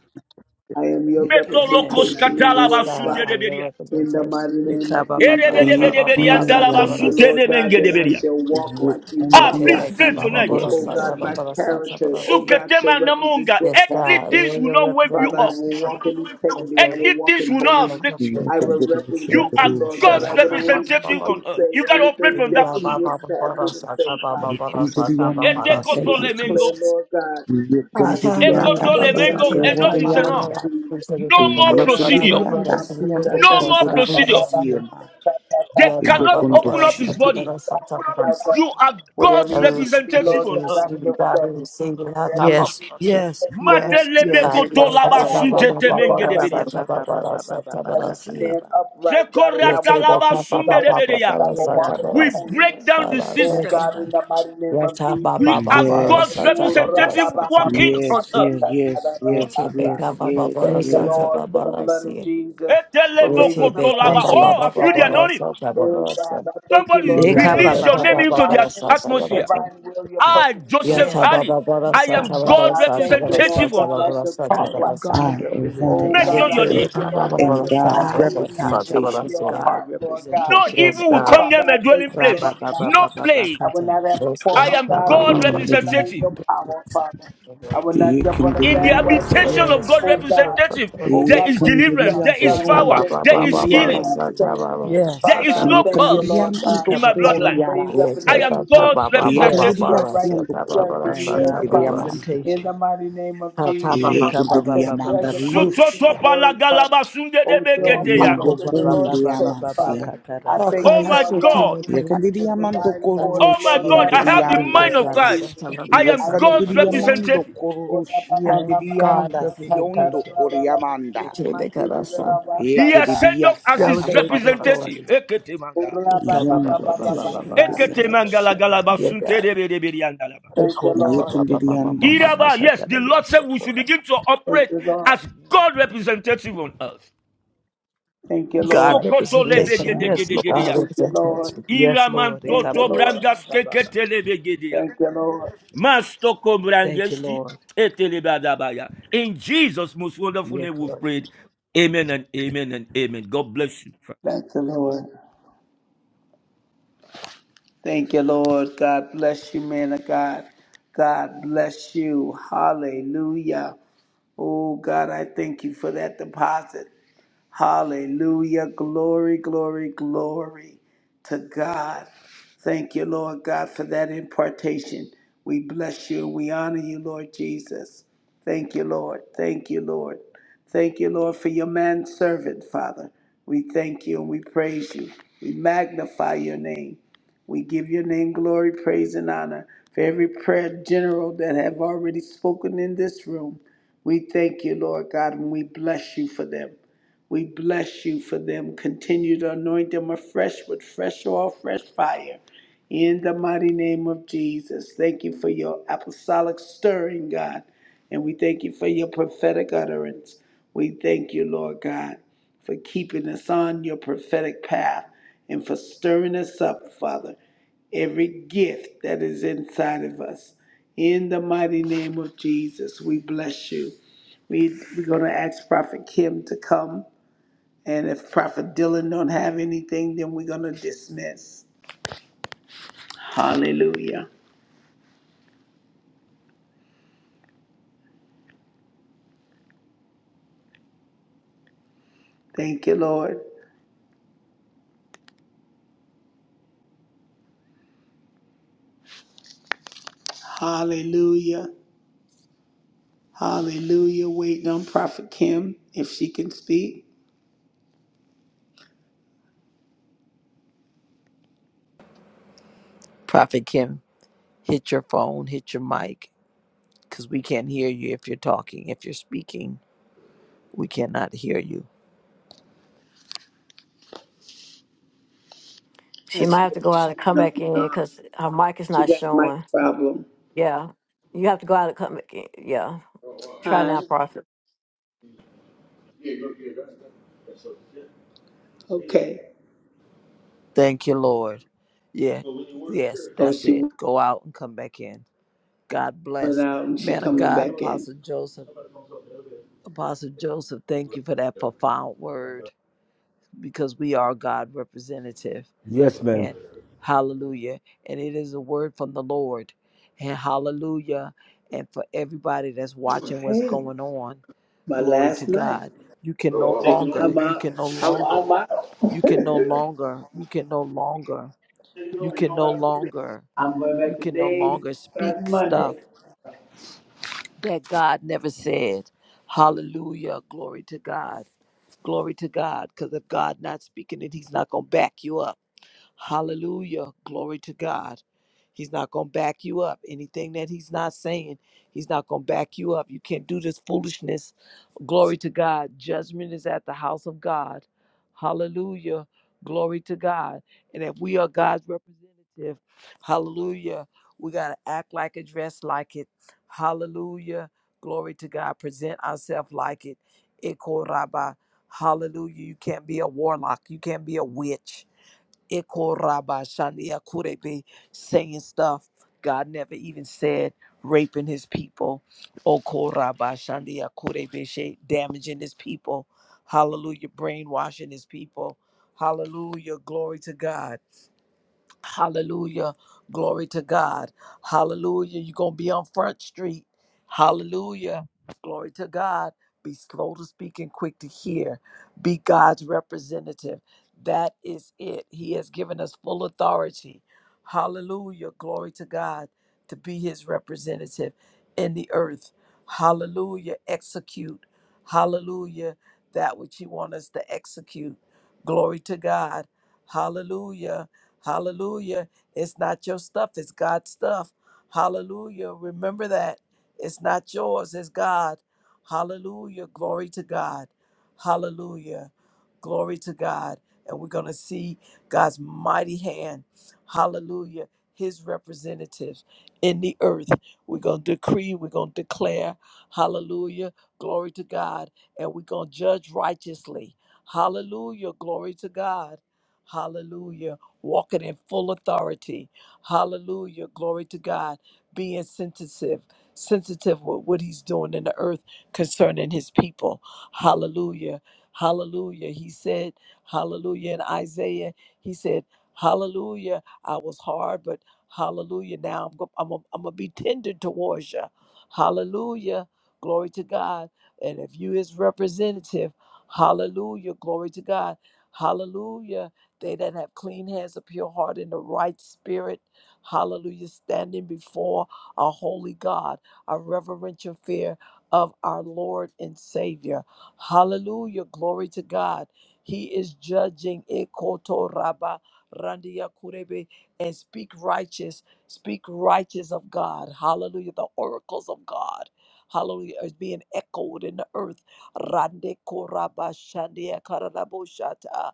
I am your Metolokos Yes. representation in Yekendiriyamasi. the yes earth, ka Father, and the katalabasundedebedia. in the representation mighty name of Jesus. Yata Baba Father, Eka-ba-ba-ba-ba-ba-ba-kataya. I Sata thank Baba you, Yekendiyamasi. Lord Sata God, Baba that I Sia. Erebedebedebediantalabasuntenemengedebedia. shall walk like you, Ah, talk please like Rebecca pray you. Baba tonight. Baba Yes, Oh Sata Lord. God, my Yokondiyasyanderusya. Baba Sata character, Baba oh Sia. God, shall Suketema represent namunga. your Yes, Earthly God, we character. things are will your not wave you Father, I off. representation. will walk in integrity. I Represented. will Earthly walk things in will not We are holiness. afflict you. Thank I you. will represented. You represent you, are Represented Lord God. Christ. God's I will Yekendiriyasyanderushiyadari. Sata only Baba representative speak Baba. on and earth. say You the got to only operate thing from We that that are you position. will Baba have Baba me to say, Sata Baba Father. Baba Sata Baba I Baba. decree Thank you, Yokondiriyamandasyandere. and declare, Etekotolemengo, Jesus. Lord God, I I shall back to Yekandiriyanda stand, the Lord God, ekotolemengo, city in the with my Ra-ba-ba-ba-ba-kataya. Enough mighty is name Baba enough. of sokoriyanda. We Jesus. shall be No Baba more Baba Ora ba Sata ba procedure. ba Baba Yekandiriyanda ba Baba Sia. ba siyando Rebecca shanda No Baba more ba ba Sata ba Baba ba procedure. ba Sia. kundururushiyama. ba They ba Yata cannot Baba open Baba up his Yokundushiyama. Sata body. Baba Sata Baba ba ba. You are Whatever I God's you send receive me, representative it, Lord we on God, I receive earth. it, shall God, go. we receive it. Ah, Whatever ta, ba, you Yes. send ba, me, Lord God, I shall say. Whatever you give me si, to Yes. say, I will Yes. speak. ah, Yes. i ta, Yes. ta, Father, Yes. I ba, ba, thank ba, you, ba, ba, Lord da, God. Matelebekotolabasuntetemengedebedia. sa, ta, ba, ba, da, sa, i ba, I da, will si, eh. stand Ba-ba-ba-ba-ba-ba-ba-ba-ba-kataya. upright, God, and Ye, I will te, be, walk in ta, your ba, ba, ba, ba, righteousness. ba, Sekoratalabasundedebedia. I da, Yeah, will i walk ta, in God. ba, your da, We si, i break holiness. down ta, the da, Oh, sa. Yeah, system. God, in God. the mighty name Ye, of ta, ba, Jesus. We ba, ba, are ba, da, Yes. God's sa, ta, Oh, ba, ba, da, representative sa, ta, ba, walking da, Yes, si. on earth. yes, yes, Ye, yes, te, be, ra-ba-ba-ba-ba-ba-ba-ba-ba-ba-ba. yes, ta, ba, ba, yes, ba, da, Yeah, Thank you, sa, yes. God. ta, Lord, ba, for ba, the da, blood si, of eh. Jesus, for Ye, te, raising up be, a ta, Etelebokotolaba. Thank ba, holy you. ba, Oh, I ba, ba, feel the ba, standard. da, anointing. sa, ta, ba, ba, Oh, da, God, sa. I thank you, Somebody Lord No, Ye, God. no, te, I'm no. be, release your ta, walking name ba, in ba, into ba, the da, Eka-ba-ba-ba-ba-ba-kataya. alignment to your atmosphere. divine will, your I, purpose, and your Ya Joseph Yes, divine chaba Halley, ba ba ra I sa am chaba Matasha, ba Father, God ra I sa thank chaba you, ra sa Lord representative on God, chaba I ba earth. ra should sa I talk chaba ra am like I, si. you. God Ivana Oh Ye representation God, Mention in I your che the Robinson, earth. ye name. thank you, chaba Lord ba God, am one rapid and that sa I God's have chaba I, ba clean sa hands Matasha, and a I chaba ra representation. am si. pure God heart, Lord God. No representation in Yes the evil will earth. God. come Father, near I my thank dwelling you, Ra Lord place. ba ba God. ba ba No ba ba plague. I will kata. not have a Yes form I God. of am Chaba God ba godliness and sa denying representative. your Ndiriyanda. power, Father. I chaba ra will sa. not jump on a In the Yes bandwagon Yekandiriyamasa. yes with, habitation of yes. Yes, God oh Chaba ra God, sa representative, chaba ra oh there si. God, is with deliverance, stuff, there Ye is God, that power, Yekandiriyasiondo chaba you're ba not there ba is doing, you're healing, not sa kondiyamando. chaba saying. ba yes. sa there Father, is I chaba no ra thank si. you, curse Lord God. Ika in ba my ba I ba will bloodline. ba ba ba. raise Ye up Yekandiriamando and I am chaba ba represent. ba God's ba I will Yes, representative. be a Ekendiria sa righteous siendo chaba ba judge I in am sa the earth, God corrusciente chaba de ba Father. si. amando. In representation. the mighty name of Ha chaba Jesus, ba. Ika ba I ba shall Ekendiria sa. ba ba ba judge manda ba. according to your riuscia. word, Father. O Ya your Dio Eko apostle in ba the ba chaba. ba Lord's conde ba ba church, ba ba Father. amasia. kata ra I She ra thank ba might Oh you, my Lord have shaka. God. God. I shall Ekendiria mando provide order, Oh my Lord God. God, corrusciente I in the di have the mighty Eko mind name of ta of andasi. ra ba Christ. Jesus. shaka. I I am thank God's you, Ekendiria Lord. mando representative. Ora ba I ba corrusciente ba am ba di ba God sa andasi ta ta ra ondo representation, ra ra ra bu ku coriamanda. na ma ti di ra ra ba He sa has ta. sent Ekendiria off as I si. his thank delegated you, Lord. representative. authority. Eketemanga. Ika ba ba Yendo ba ba ba ba ba rusciente Ra-ba-ba-ba-ba-ba-ba-sa. di katara bo amasia. shata. Dear God Eketemangalagalabasuntedebedebedeandalaba. Thank you, Ikora ba Lord. ba ba ba Ekendiria ba ba ba ba Iraba, yes, shatara the Lord said yaso we should kora. begin to operate Thank you, Lord. as God representative on earth. Thank you, God Lord. Sokoto representation. Yes, Lord. lebegedegedegedeya. Thank you, Lord. Yes, Iraman Lord. Thank Ika you, ba toto ba ba Lord. ba brangas ba ba. ba. kekete lebe gede ya. Thank you, Lord. Mastoko Thank you, mbrangesti, Lord. etelebadabaya. In Jesus' most wonderful Yes, name, we've Lord. prayed. Amen and amen and amen. God bless you. Thank you, Lord. Thank you, Lord. God bless you, man of God. God bless you. Hallelujah. Oh, God, I thank you for that deposit. Hallelujah. Glory, glory, glory to God. Thank you, Lord God, for that impartation. We bless you. We honor you, Lord Jesus. Thank you, Lord. Thank you, Lord. Thank you, Lord, for your manservant, Father. We thank you and we praise you. We magnify your name. We give your name glory, praise, and honor for every prayer general that have already spoken in this room. We thank you, Lord God, and we bless you for them. We bless you for them. Continue to anoint them afresh with fresh oil, fresh fire. In the mighty name of Jesus. Thank you for your apostolic stirring, God. And we thank you for your prophetic utterance. We thank you, Lord God, for keeping us on your prophetic path and for stirring us up, Father every gift that is inside of us. In the mighty name of Jesus, we bless you. We, we're going to ask Prophet Kim to come. And if Prophet Dylan don't have anything, then we're gonna dismiss. Hallelujah. Thank you, Lord. Hallelujah. Hallelujah. Waiting on Prophet Kim if she can speak. Prophet Kim, hit your phone, hit your mic, because we can't hear you if you're talking. If you're speaking, we cannot hear you. I see to her go out and shooting come on back and in off. because her mic is She not got mic showing. problem. Yeah, you have to go out and come back in. Yeah, try Hi. now, Prophet. Okay. Thank you, Lord. Yeah. Yes, Oh, that's she it. went Go out and come back in. God bless. out and she Man of coming God, back in. Apostle Joseph. Apostle Joseph, thank you for that profound word because we are God representative. Yes, ma'am. And hallelujah. And it is a word from the Lord. And hallelujah. And for everybody that's watching what's going on, My glory to last night. God. You can no longer, you out. can no I'm, longer, I'm out. you can no longer, you can no longer, you can no longer, I'm going you back can no today, longer speak starting stuff Monday. that God never said. Hallelujah. Glory to God. Glory to God. Because if God not speaking it, He's not going to back you up. Hallelujah. Glory to God. He's not going to back you up. Anything that he's not saying, he's not going to back you up. You can't do this foolishness. Glory to God. Judgment is at the house of God. Hallelujah. Glory to God. And if we are God's representative, hallelujah, we got to act like it, dress like it. Hallelujah. Glory to God. Present ourselves like it. Ekoraba. Hallelujah. You can't be a warlock. You can't be a witch. Ikorabashandia Kurebe saying stuff God never even said, raping his people. Okorabashandia Kurebe she- damaging his people. Hallelujah, brainwashing his people. Hallelujah, glory to God. Hallelujah. Glory to God. Hallelujah. You're going to be on Front Street. Hallelujah. Glory to God. Be slow to speak and quick to hear. Be God's representative. That is it. He has given us full authority. Hallelujah. Glory to God to be his representative in the earth. Hallelujah. Execute. Hallelujah. That which he wants us to execute. Glory to God. Hallelujah Hallelujah. It's not your stuff, it's God's stuff. Hallelujah. Remember that. It's not yours, it's God. Hallelujah. Glory to God. Hallelujah. Glory to God. And we're going to see God's mighty hand. Hallelujah. His representatives in the earth. We're going to decree, we're going to declare. Hallelujah. Glory to God. And we're going to judge righteously. Hallelujah. Glory to God. Hallelujah walking in full authority. Hallelujah. Glory to God. Being sensitive, sensitive with what he's doing in the earth concerning his people. Hallelujah. Hallelujah. He said, Hallelujah. In Isaiah, he said, Hallelujah. I was hard, but hallelujah. Now I'm going I'm to I'm gonna be tender towards you. Hallelujah. Glory to God. And if you, his representative, hallelujah. Glory to God. Hallelujah they that have clean hands, a pure heart, and a right spirit. Hallelujah. Standing before a holy God, a reverential fear of our Lord and Savior. Hallelujah. Glory to God. He is judging Ekoto Rabba Randia Kurebe and speak righteous, speak righteous of God. Hallelujah. The oracles of God. Hallelujah. Is being echoed in the earth. Rande Koraba Shandia kararaboshata.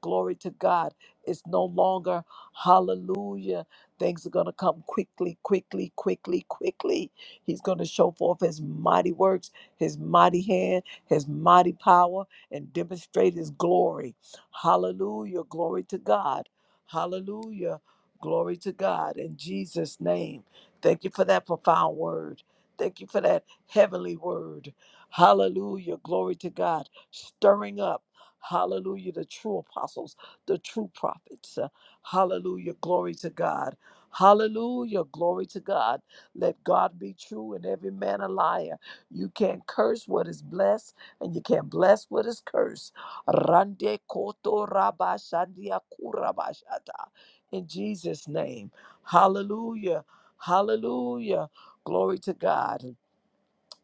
Glory to God. It's no longer hallelujah. Things are going to come quickly, quickly, quickly, quickly. He's going to show forth his mighty works, his mighty hand, his mighty power, and demonstrate his glory. Hallelujah. Glory to God. Hallelujah. Glory to God. In Jesus' name. Thank you for that profound word. Thank you for that heavenly word. Hallelujah. Glory to God. Stirring up. Hallelujah. The true apostles, the true prophets. Uh, Hallelujah. Glory to God. Hallelujah. Glory to God. Let God be true and every man a liar. You can't curse what is blessed and you can't bless what is cursed. Rande koto rabashandia kurabashata. In Jesus' name. Hallelujah. Hallelujah. Glory to God.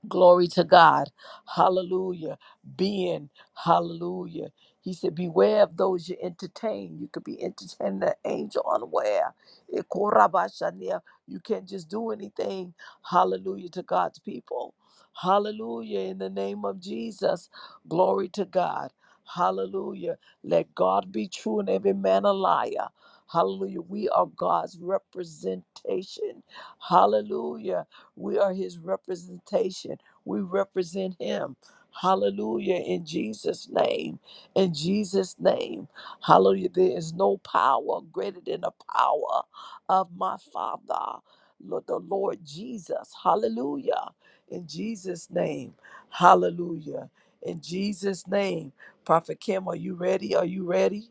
Glory to God. Hallelujah. Being, hallelujah. He said, Beware of those you entertain. You could be entertaining an angel unaware. Ikorabashania. You can't just do anything. Hallelujah to God's people. Hallelujah. In the name of Jesus. Glory to God. Hallelujah. Let God be true and every man a liar. Hallelujah. We are God's representation. Hallelujah. We are his representation. We represent him. Hallelujah. In Jesus' name. In Jesus' name. Hallelujah. There is no power greater than the power of my Father, Lord- the Lord Jesus. Hallelujah. In Jesus' name. Hallelujah. In Jesus' name. Prophet Kim, are you ready? Are you ready?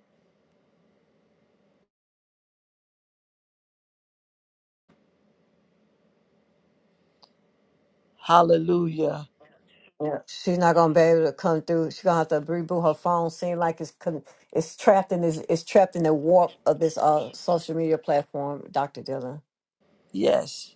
Hallelujah. Yeah, seem like it's con- it's trapped in this it's trapped in the warp of this uh social media platform, Doctor Dylan. Yes.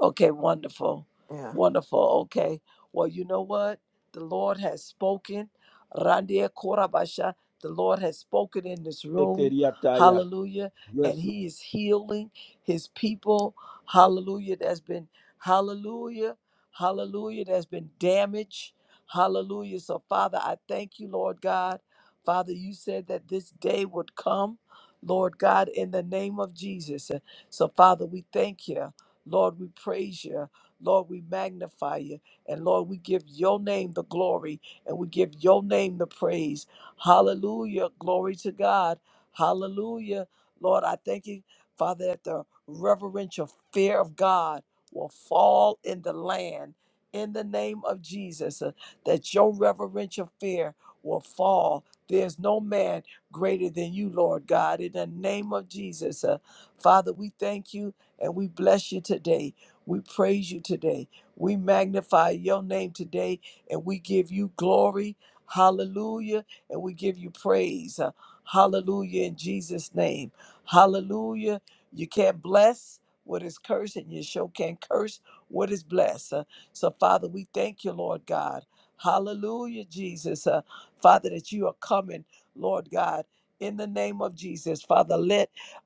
Okay, wonderful. Yeah. Wonderful. Okay. Well, you know what? The Lord has spoken. Randia Korabasha, the Lord has spoken in this room. Hallelujah. And Yes, He is healing His people. Hallelujah. That's been, hallelujah. Hallelujah. That's been damage. Hallelujah. So, Father, I thank you, Lord God. Father, you said that this day would come, Lord God, in the name of Jesus. So, Father, we thank you. Lord, we praise you. Lord, we magnify you. And Lord, we give your name the glory and we give your name the praise. Hallelujah. Glory to God. Hallelujah. Lord, I thank you, Father, that the reverential fear of God will fall in the land in the name of Jesus, uh, that your reverential fear will fall. There's no man greater than you, Lord God, in the name of Jesus. uh, Father, we thank you and we bless you today. We praise you today. We magnify your name today and we give you glory. Hallelujah. And we give you praise. Uh, Hallelujah in Jesus' name. Hallelujah. You can't bless what is cursed and you sure can't curse what is blessed. Uh, so, Father, we thank you, Lord God. Hallelujah, Jesus. Uh, Father, that you are coming, Lord God, in the name of Jesus. Father, let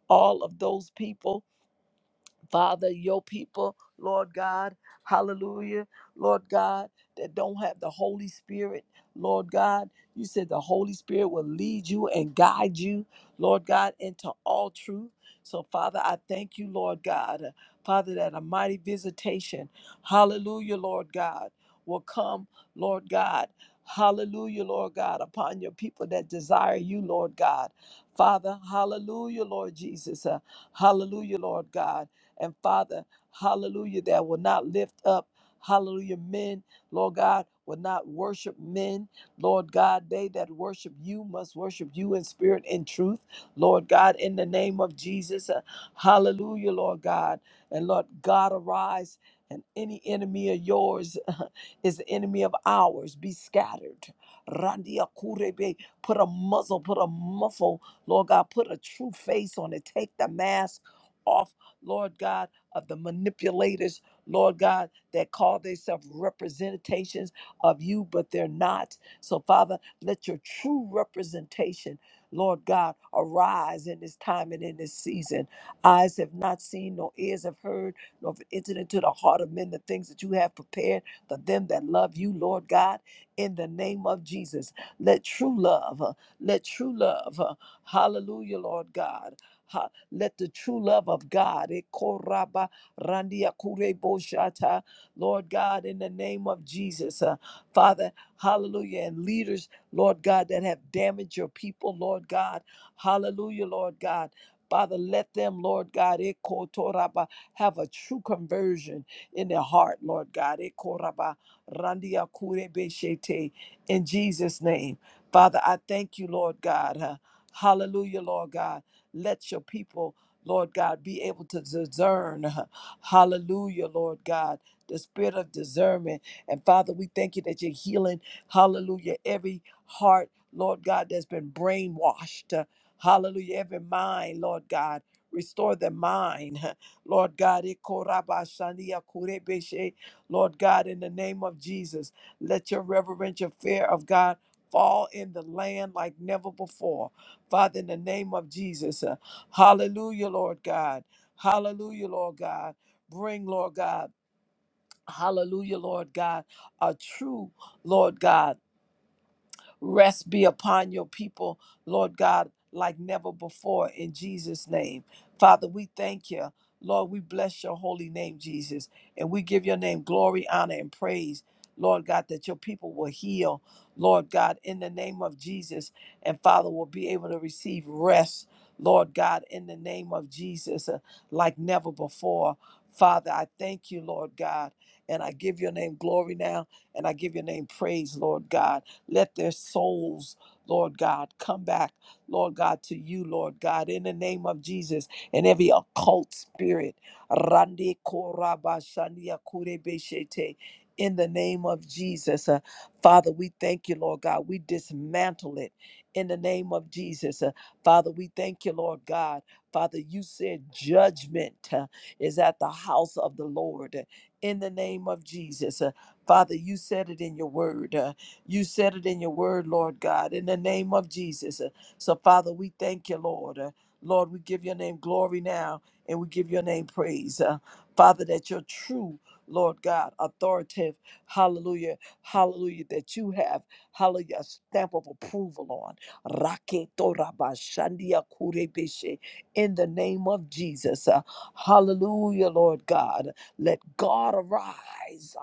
all of those people Father, your people, Lord God, hallelujah, Lord God, that don't have the Holy Spirit, Lord God, you said the Holy Spirit will lead you and guide you, Lord God, into all truth. So, Father, I thank you, Lord God, Father, that a mighty visitation, hallelujah, Lord God, will come, Lord God. Hallelujah, Lord God, upon your people that desire you, Lord God. Father, hallelujah, Lord Jesus. uh, hallelujah, Lord God. And Father, hallelujah, that will not lift up, hallelujah, men, Lord God, will not worship men. Lord God, they that worship you must worship you in spirit and truth. Lord God, in the name of Jesus, uh, hallelujah, Lord God. And Lord God, arise. And any enemy of yours is the enemy of ours. Be scattered. Randia Kurebe, put a muzzle, put a muffle, Lord God, put a true face on it. Take the mask off. Lord God, of the manipulators, Lord God, that call themselves representations of you, but they're not. So, Father, let your true representation, Lord God, arise in this time and in this season. Eyes have not seen, nor ears have heard, nor have entered into the heart of men the things that you have prepared for them that love you, Lord God, in the name of Jesus. Let true love, uh, let true love, uh, hallelujah, Lord God. Let the true love of God, eh, koraba randia kure boshata, Lord God, in the name of Jesus, uh, Father, hallelujah, and leaders, Lord God, that have damaged your people, Lord God, hallelujah, Lord God. Father, let them, Lord God, eh, kotoraba, have a true conversion in their heart, Lord God. Eh, koraba randia kure beshete, In Jesus' name. Father, I thank you, Lord God. huh, Hallelujah, Lord God. Let your people, Lord God, be able to discern. huh, Hallelujah, Lord God, the spirit of discernment. And Father, we thank you that you're healing, hallelujah, every heart, Lord God, that's been brainwashed. huh, Hallelujah, every mind, Lord God. Restore the mind, huh, Lord God. Ikorabashania kurebeshe. Lord God, in the name of Jesus, let your reverential fear of God fall in the land like never before. Father, in the name of Jesus, uh, hallelujah, Lord God. Hallelujah, Lord God. Bring, Lord God, hallelujah, Lord God, a true, Lord God. Rest be upon your people, Lord God, like never before in Jesus' name. Father, we thank you. Lord, we bless your holy name, Jesus, and we give your name glory, honor, and praise. Lord God, that your people will heal, Lord God, in the name of Jesus, and Father will be able to receive rest, Lord God, in the name of Jesus, uh, like never before. Father, I thank you, Lord God, and I give your name glory now, and I give your name praise, Lord God. Let their souls, Lord God, come back, Lord God, to you, Lord God, in the name of Jesus, and every occult spirit. Randi korabashania kurebeshete, In the name of Jesus. Uh, Father, we thank you, Lord God. We dismantle it in the name of Jesus. Uh, Father, we thank you, Lord God. Father, you said judgment uh, is at the house of the Lord in the name of Jesus. Uh, Father, you said it in your word. Uh, you said it in your word, Lord God, in the name of Jesus. Uh, So, Father, we thank you, Lord. Uh, Lord, we give your name glory now and we give your name praise. Uh, Father, that you're true, Lord God, authoritative, hallelujah, hallelujah, that you have, hallelujah, a stamp of approval on. Raketorabashandia kurebeshe. In the name of Jesus. Uh, hallelujah, Lord God. Let God arise.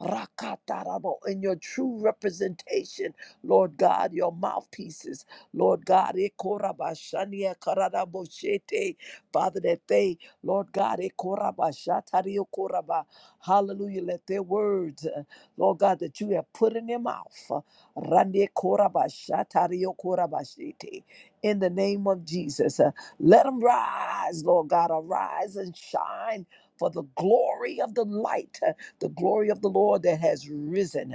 Rakatarabo, in your true representation, Lord God, your mouthpieces, Lord God, Ekorabashania Karadaboshete, Father, that they, Lord God, Ekorabashatariokoraba, hallelujah, let their words, uh, Lord God, that you have put in their mouth, uh, Randekorabashatariokorabashete, in the name of Jesus, uh, let them rise, Lord God, arise and shine for the glory of the light the glory of the Lord that has risen.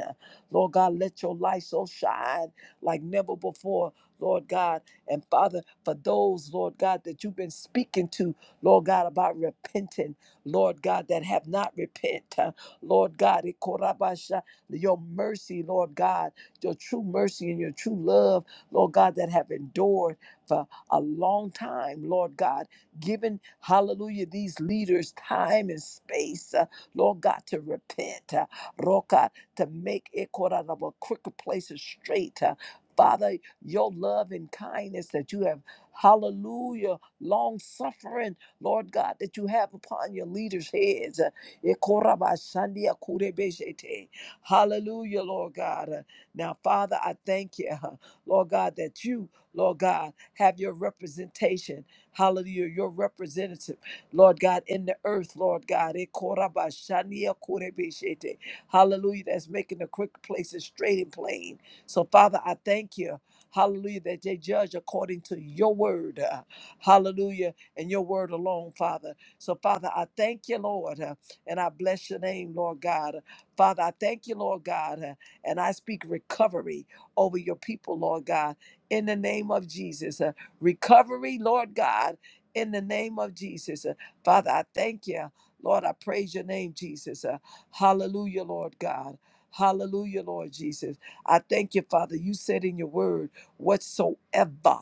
Lord God, let your light so shine like never before, Lord God. And Father, for those, Lord God, that you've been speaking to, Lord God, about repenting, Lord God, that have not repent, uh, Lord God, ikorabasha, your mercy, Lord God, your true mercy and your true love, Lord God, that have endured for a long time, Lord God, given, hallelujah, these leaders time and space. uh, Lord God, to repent, uh, Lord God, to make it caught out of a crooked places straight. uh, Father, your love and kindness that you have, hallelujah, long suffering, Lord God, that you have upon your leaders' heads. uh, Ekorabashandia kurebeshete. Hallelujah, Lord God. Uh, Now, Father, I thank you, uh, Lord God, that you, Lord God, have your representation. Hallelujah, your representative. Lord God, in the earth, Lord God. Eh, korabashania korebeshete. Hallelujah. That's making the crooked places straight and plain. So, Father, I thank you. Hallelujah. That they judge according to your word. uh, Hallelujah. And your word alone, Father. So, Father, I thank you, Lord. uh, And I bless your name, Lord God. Father, I thank you, Lord God. uh, And I speak recovery over your people, Lord God. In the name of Jesus. uh, Recovery, Lord God. In the name of Jesus. Father, I thank you. Lord, I praise your name, Jesus. Uh, hallelujah, Lord God. Hallelujah, Lord Jesus. I thank you, Father. You said in your word, whatsoever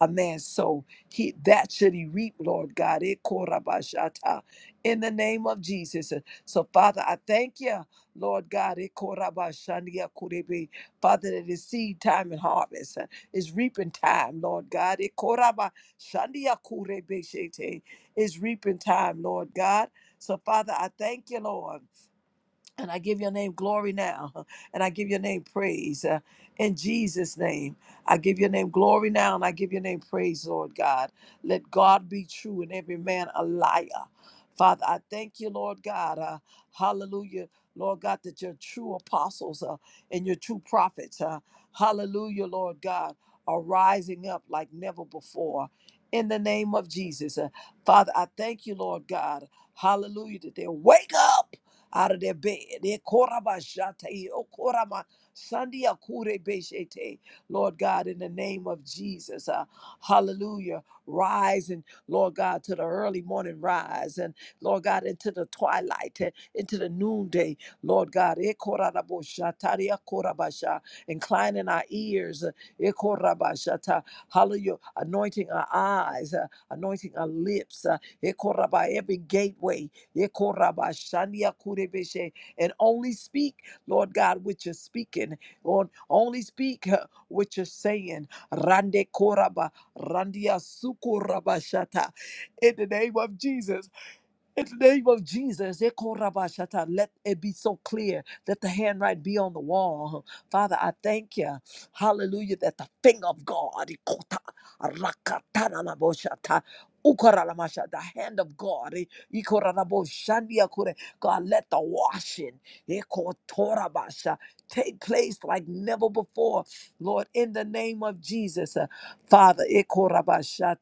a man sow, he that should he reap, Lord God. Eh, korabashata. In the name of Jesus. Uh, So, Father, I thank you, Lord God. Eh, korabashania kurebe. Father, that is seed time and harvest. uh, It's reaping time, Lord God. Eh, korabashania kurebe shete. Is reaping time, Lord God. So, Father, I thank you, Lord. And I give your name glory now. And I give your name praise uh, in Jesus' name. I give your name glory now and I give your name praise, Lord God. Let God be true and every man a liar. Father, I thank you, Lord God. uh, hallelujah. Lord God, that your true apostles uh, and your true prophets, uh, hallelujah, Lord God, are rising up like never before in the name of Jesus. Uh, Father, I thank you, Lord God. Hallelujah, that they wake up out of their bed. Eh, korabashata, eh, okorama, sandia kure beshete. Lord God, in the name of Jesus, uh, hallelujah. Rise and Lord God to the early morning rise and Lord God into the twilight and into the noonday. Lord God, eh, korabasha, taria korabasha, inclining our ears. uh, eh, korabashata. Hallelujah. Anointing our eyes, uh, anointing our lips. uh, eh, koraba, Every gateway. Yekorabashania kurebeshe. And only speak, Lord God, what you're speaking. Lord, only speak uh, what you're saying. Rande koraba, randia sukorabashata. In the name of Jesus. In the name of Jesus, Ekorabashata, let it be so clear that the handwriting be on the wall. Father, I thank you. Hallelujah, that the finger of God, Ikota, Rakatananaboshata, Ukaralabashata, the hand of God, eh, Ikoraboshandiakure. God, let the washing Ekotorabasha, take place like never before. Lord, in the name of Jesus, uh, Father, Ekorabashata,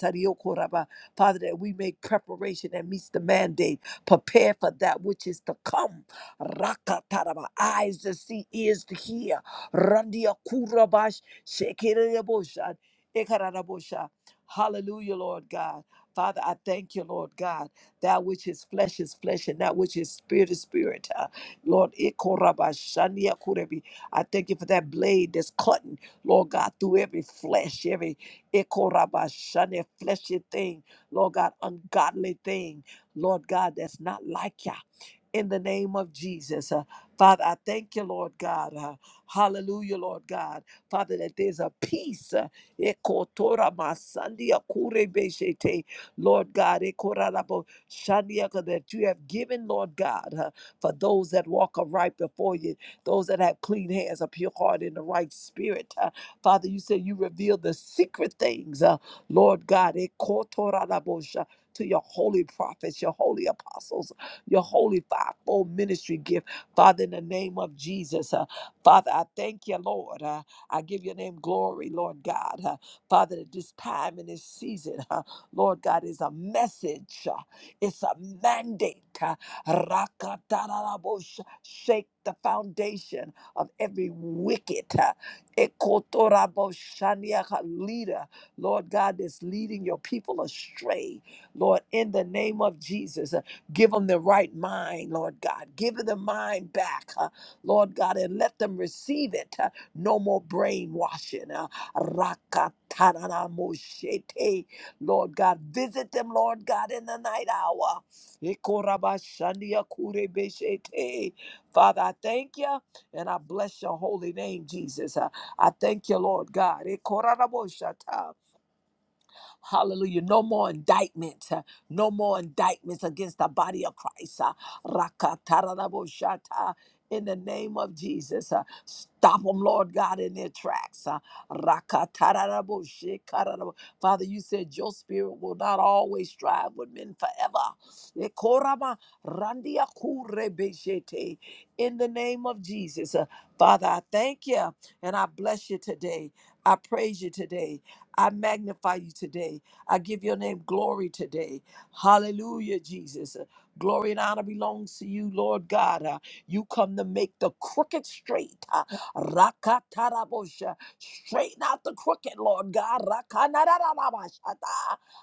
Father, that we make preparation that meets the mandate. Prepare for that which is to come. Rakataraba, eyes to see, ears to hear. Randia kurabash, shekerabosha, ekarabosha. Hallelujah, Lord God. Father, I thank you, Lord God. That which is flesh is flesh, and that which is spirit is spirit. Uh, Lord, ikorabashania kurebi. I thank you for that blade that's cutting, Lord God, through every flesh, every ikorabashania fleshy thing Lord God, ungodly thing, Lord God, that's not like you. In the name of Jesus. Uh, Father, I thank you, Lord God. Uh, hallelujah, Lord God. Father, that there's a peace. Uh, ekotora masandia kurebeshete, Lord God, ekorarabo shandiaka, that you have given, Lord God, uh, for those that walk aright before you, those that have clean hands, a pure heart, and the right spirit. Uh, Father, you said you reveal the secret things. uh, Lord God, ekotorabosha, to your holy prophets, your holy apostles, your holy fivefold ministry gift, Father, in the name of Jesus. uh, Father, I thank you, Lord. uh, I give your name glory, Lord God. uh, Father, that this time and this season, uh, Lord God, is a message, uh, it's a mandate. uh, Rakatarabosha, Shake the foundation of every wicked uh, Ekotoraboshaniaka leader Lord God, that's leading your people astray. Lord, in the name of Jesus, uh, give them the right mind, Lord God. Give them the mind back, uh, Lord God, and let them receive it. uh, no more brainwashing. uh, Rakatananamoshete. Lord God, visit them, Lord God, in the night hour. Ikorabashandiakurebeshete. Father, I thank you and I bless your holy name, Jesus. Uh, I thank you, Lord God. Hallelujah. No more indictment. uh, No more indictments against the body of Christ. uh, Rakatarabashata, In the name of Jesus, uh, stop them, Lord God, in their tracks. uh, Rakatarabashikarabo. Father, you said your spirit will not always strive with men forever. Ekorama randiakurebeshete. In the name of Jesus, uh, Father, I thank you and I bless you today. I praise you today. I magnify you today. I give your name glory today. Hallelujah, Jesus. Uh, Glory and honor belongs to you, Lord God. Uh, You come to make the crooked straight. Uh, Rakatarabosha. Straighten out the crooked, Lord God. Rakanarabashata.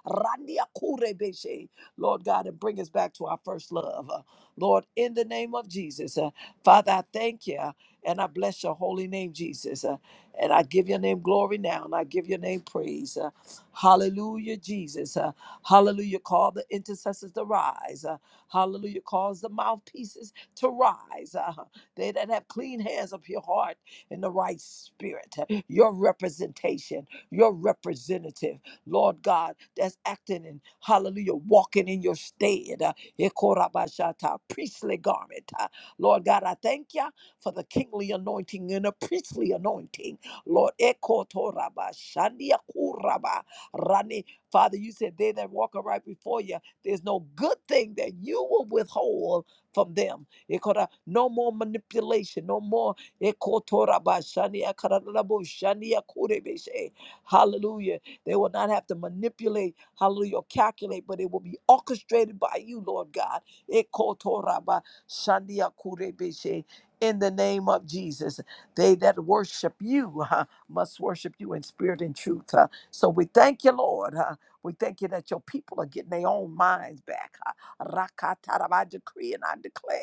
Randiakurebeshe. Lord God, and bring us back to our first love. Uh, Lord, in the name of Jesus, uh, Father, I thank you uh, and I bless your holy name, Jesus. Uh, and I give your name glory now, and I give your name praise. Uh, hallelujah, Jesus. Uh, hallelujah. Call the intercessors to rise. Uh, hallelujah. Cause the mouthpieces to rise. Uh, they that have clean hands of your heart and the right spirit. Uh, Your representation, your representative, Lord God, that's acting in, hallelujah, walking in your stead. Uh, Ekorabashata, priestly garment. Uh, Lord God, I thank you for the kingly anointing and a priestly anointing. Lord, ekotoraba, shandiakuraba, rani. Father, you said they that walk aright before you, there's no good thing that you will withhold from them. Ekora- No more manipulation, no more. ekotoraba, shandiakarabo, shandiakurebeshe. Hallelujah. They will not have to manipulate, hallelujah, or calculate, but it will be orchestrated by you, Lord God. Ekotoraba, shandiakurebeshe. In the name of Jesus. They that worship you uh, must worship you in spirit and truth. uh. so we thank you, Lord. uh, we thank you that your people are getting their own minds back. Uh, Rakatarab, I decree and I declare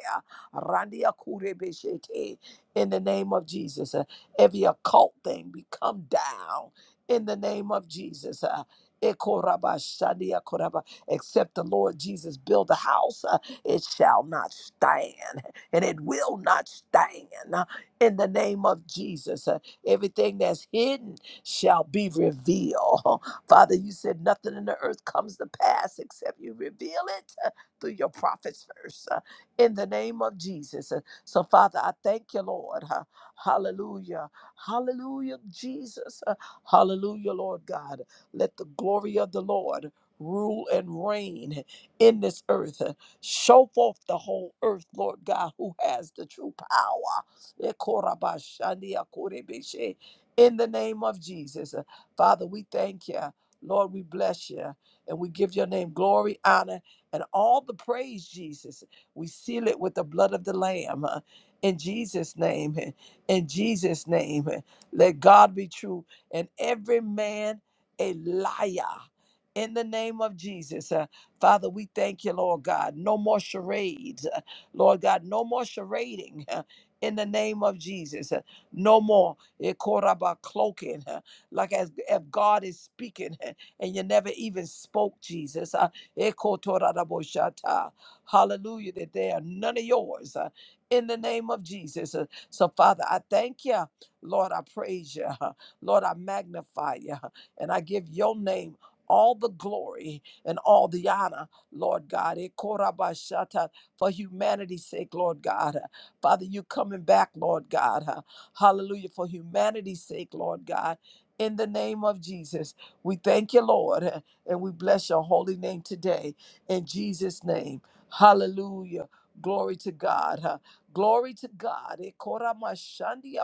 uh, Randiakurebeshete, in the name of Jesus. uh, every occult thing be come down in the name of Jesus. Uh, Ekorabashadiakoraba. Except the Lord Jesus build a house, uh, it shall not stand and it will not stand. uh in the name of Jesus. Uh, Everything that's hidden shall be revealed. Father, you said nothing in the earth comes to pass except you reveal it uh, through your prophets first. uh, In the name of Jesus. Uh, So, Father, I thank you, Lord. Uh, Hallelujah. Hallelujah, Jesus. Uh, Hallelujah, Lord God. Let the glory of the Lord rule and reign in this earth. Uh, Show forth the whole earth, Lord God, who has the true power. Ekorabashandiakorebeshe. In the name of Jesus, Uh, Father, we thank you. Lord, we bless you and we give your name glory, honor, and all the praise, Jesus. We seal it with the blood of the Lamb. uh, In Jesus' name, uh, in Jesus' name, uh, let God be true and every man a liar. In the name of Jesus, uh, Father, we thank you, Lord God. No more charades. uh, Lord God, no more charading. in the name of Jesus. Uh, No more eh, koraba cloaking, uh, like as if God is speaking uh, and you never even spoke, Jesus. Uh, eh, kotoraraboshata. Hallelujah, that they are none of yours uh, in the name of Jesus. Uh, So, Father, I thank you. Lord, I praise you. huh. Lord, I magnify you. huh, And I give your name all the glory and all the honor, Lord God. Eh, korabashata, For humanity's sake, Lord God. Father, you coming back, Lord God. huh? Hallelujah. For humanity's sake, Lord God. In the name of Jesus, we thank you, Lord, huh, and we bless your holy name today. In Jesus' name, hallelujah. Glory to God. huh? Glory to God. Eh, kora mashandi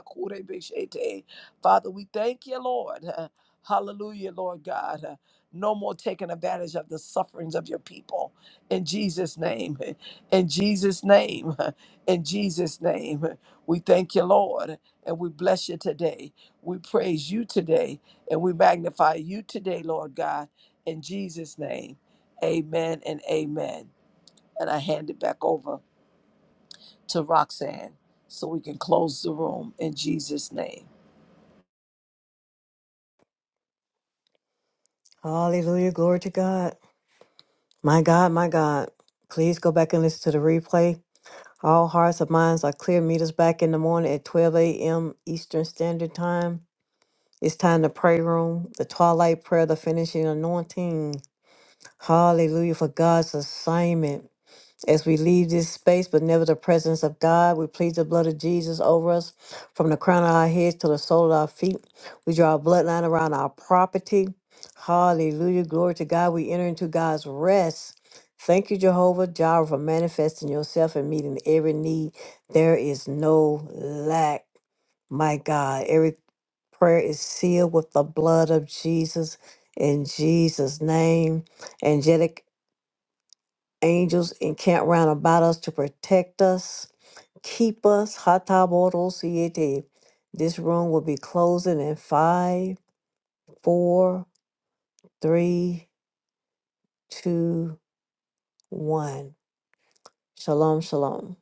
Father, we thank you, Lord. huh? Hallelujah, Lord God. huh? No more taking advantage of the sufferings of your people. In Jesus' name. In Jesus' name. huh? In Jesus' name, we thank you, Lord, and we bless you today. We praise you today, and we magnify you today, Lord God. In Jesus' name, amen and amen. And I hand it back over to Roxanne so we can close the room in Jesus' name. Hallelujah, glory to God. My God, my God. Please go back and listen to the replay. All hearts and minds are clear. Meet us back in the morning at 12 a.m. Eastern Standard Time. It's time to pray room, the twilight prayer, the finishing anointing. Hallelujah for God's assignment. As we leave this space, but never the presence of God, we plead the blood of Jesus over us from the crown of our heads to the sole of our feet. We draw a bloodline around our property. Hallelujah. Glory to God. We enter into God's rest. Thank you, Jehovah Jireh, for manifesting yourself and meeting every need. There is no lack, my God. Every prayer is sealed with the blood of Jesus in Jesus' name. Angelic angels encamp round about us to protect us, keep us. Hatabodo siete. This room will be closing in five, four, three, two, one. Shalom, shalom.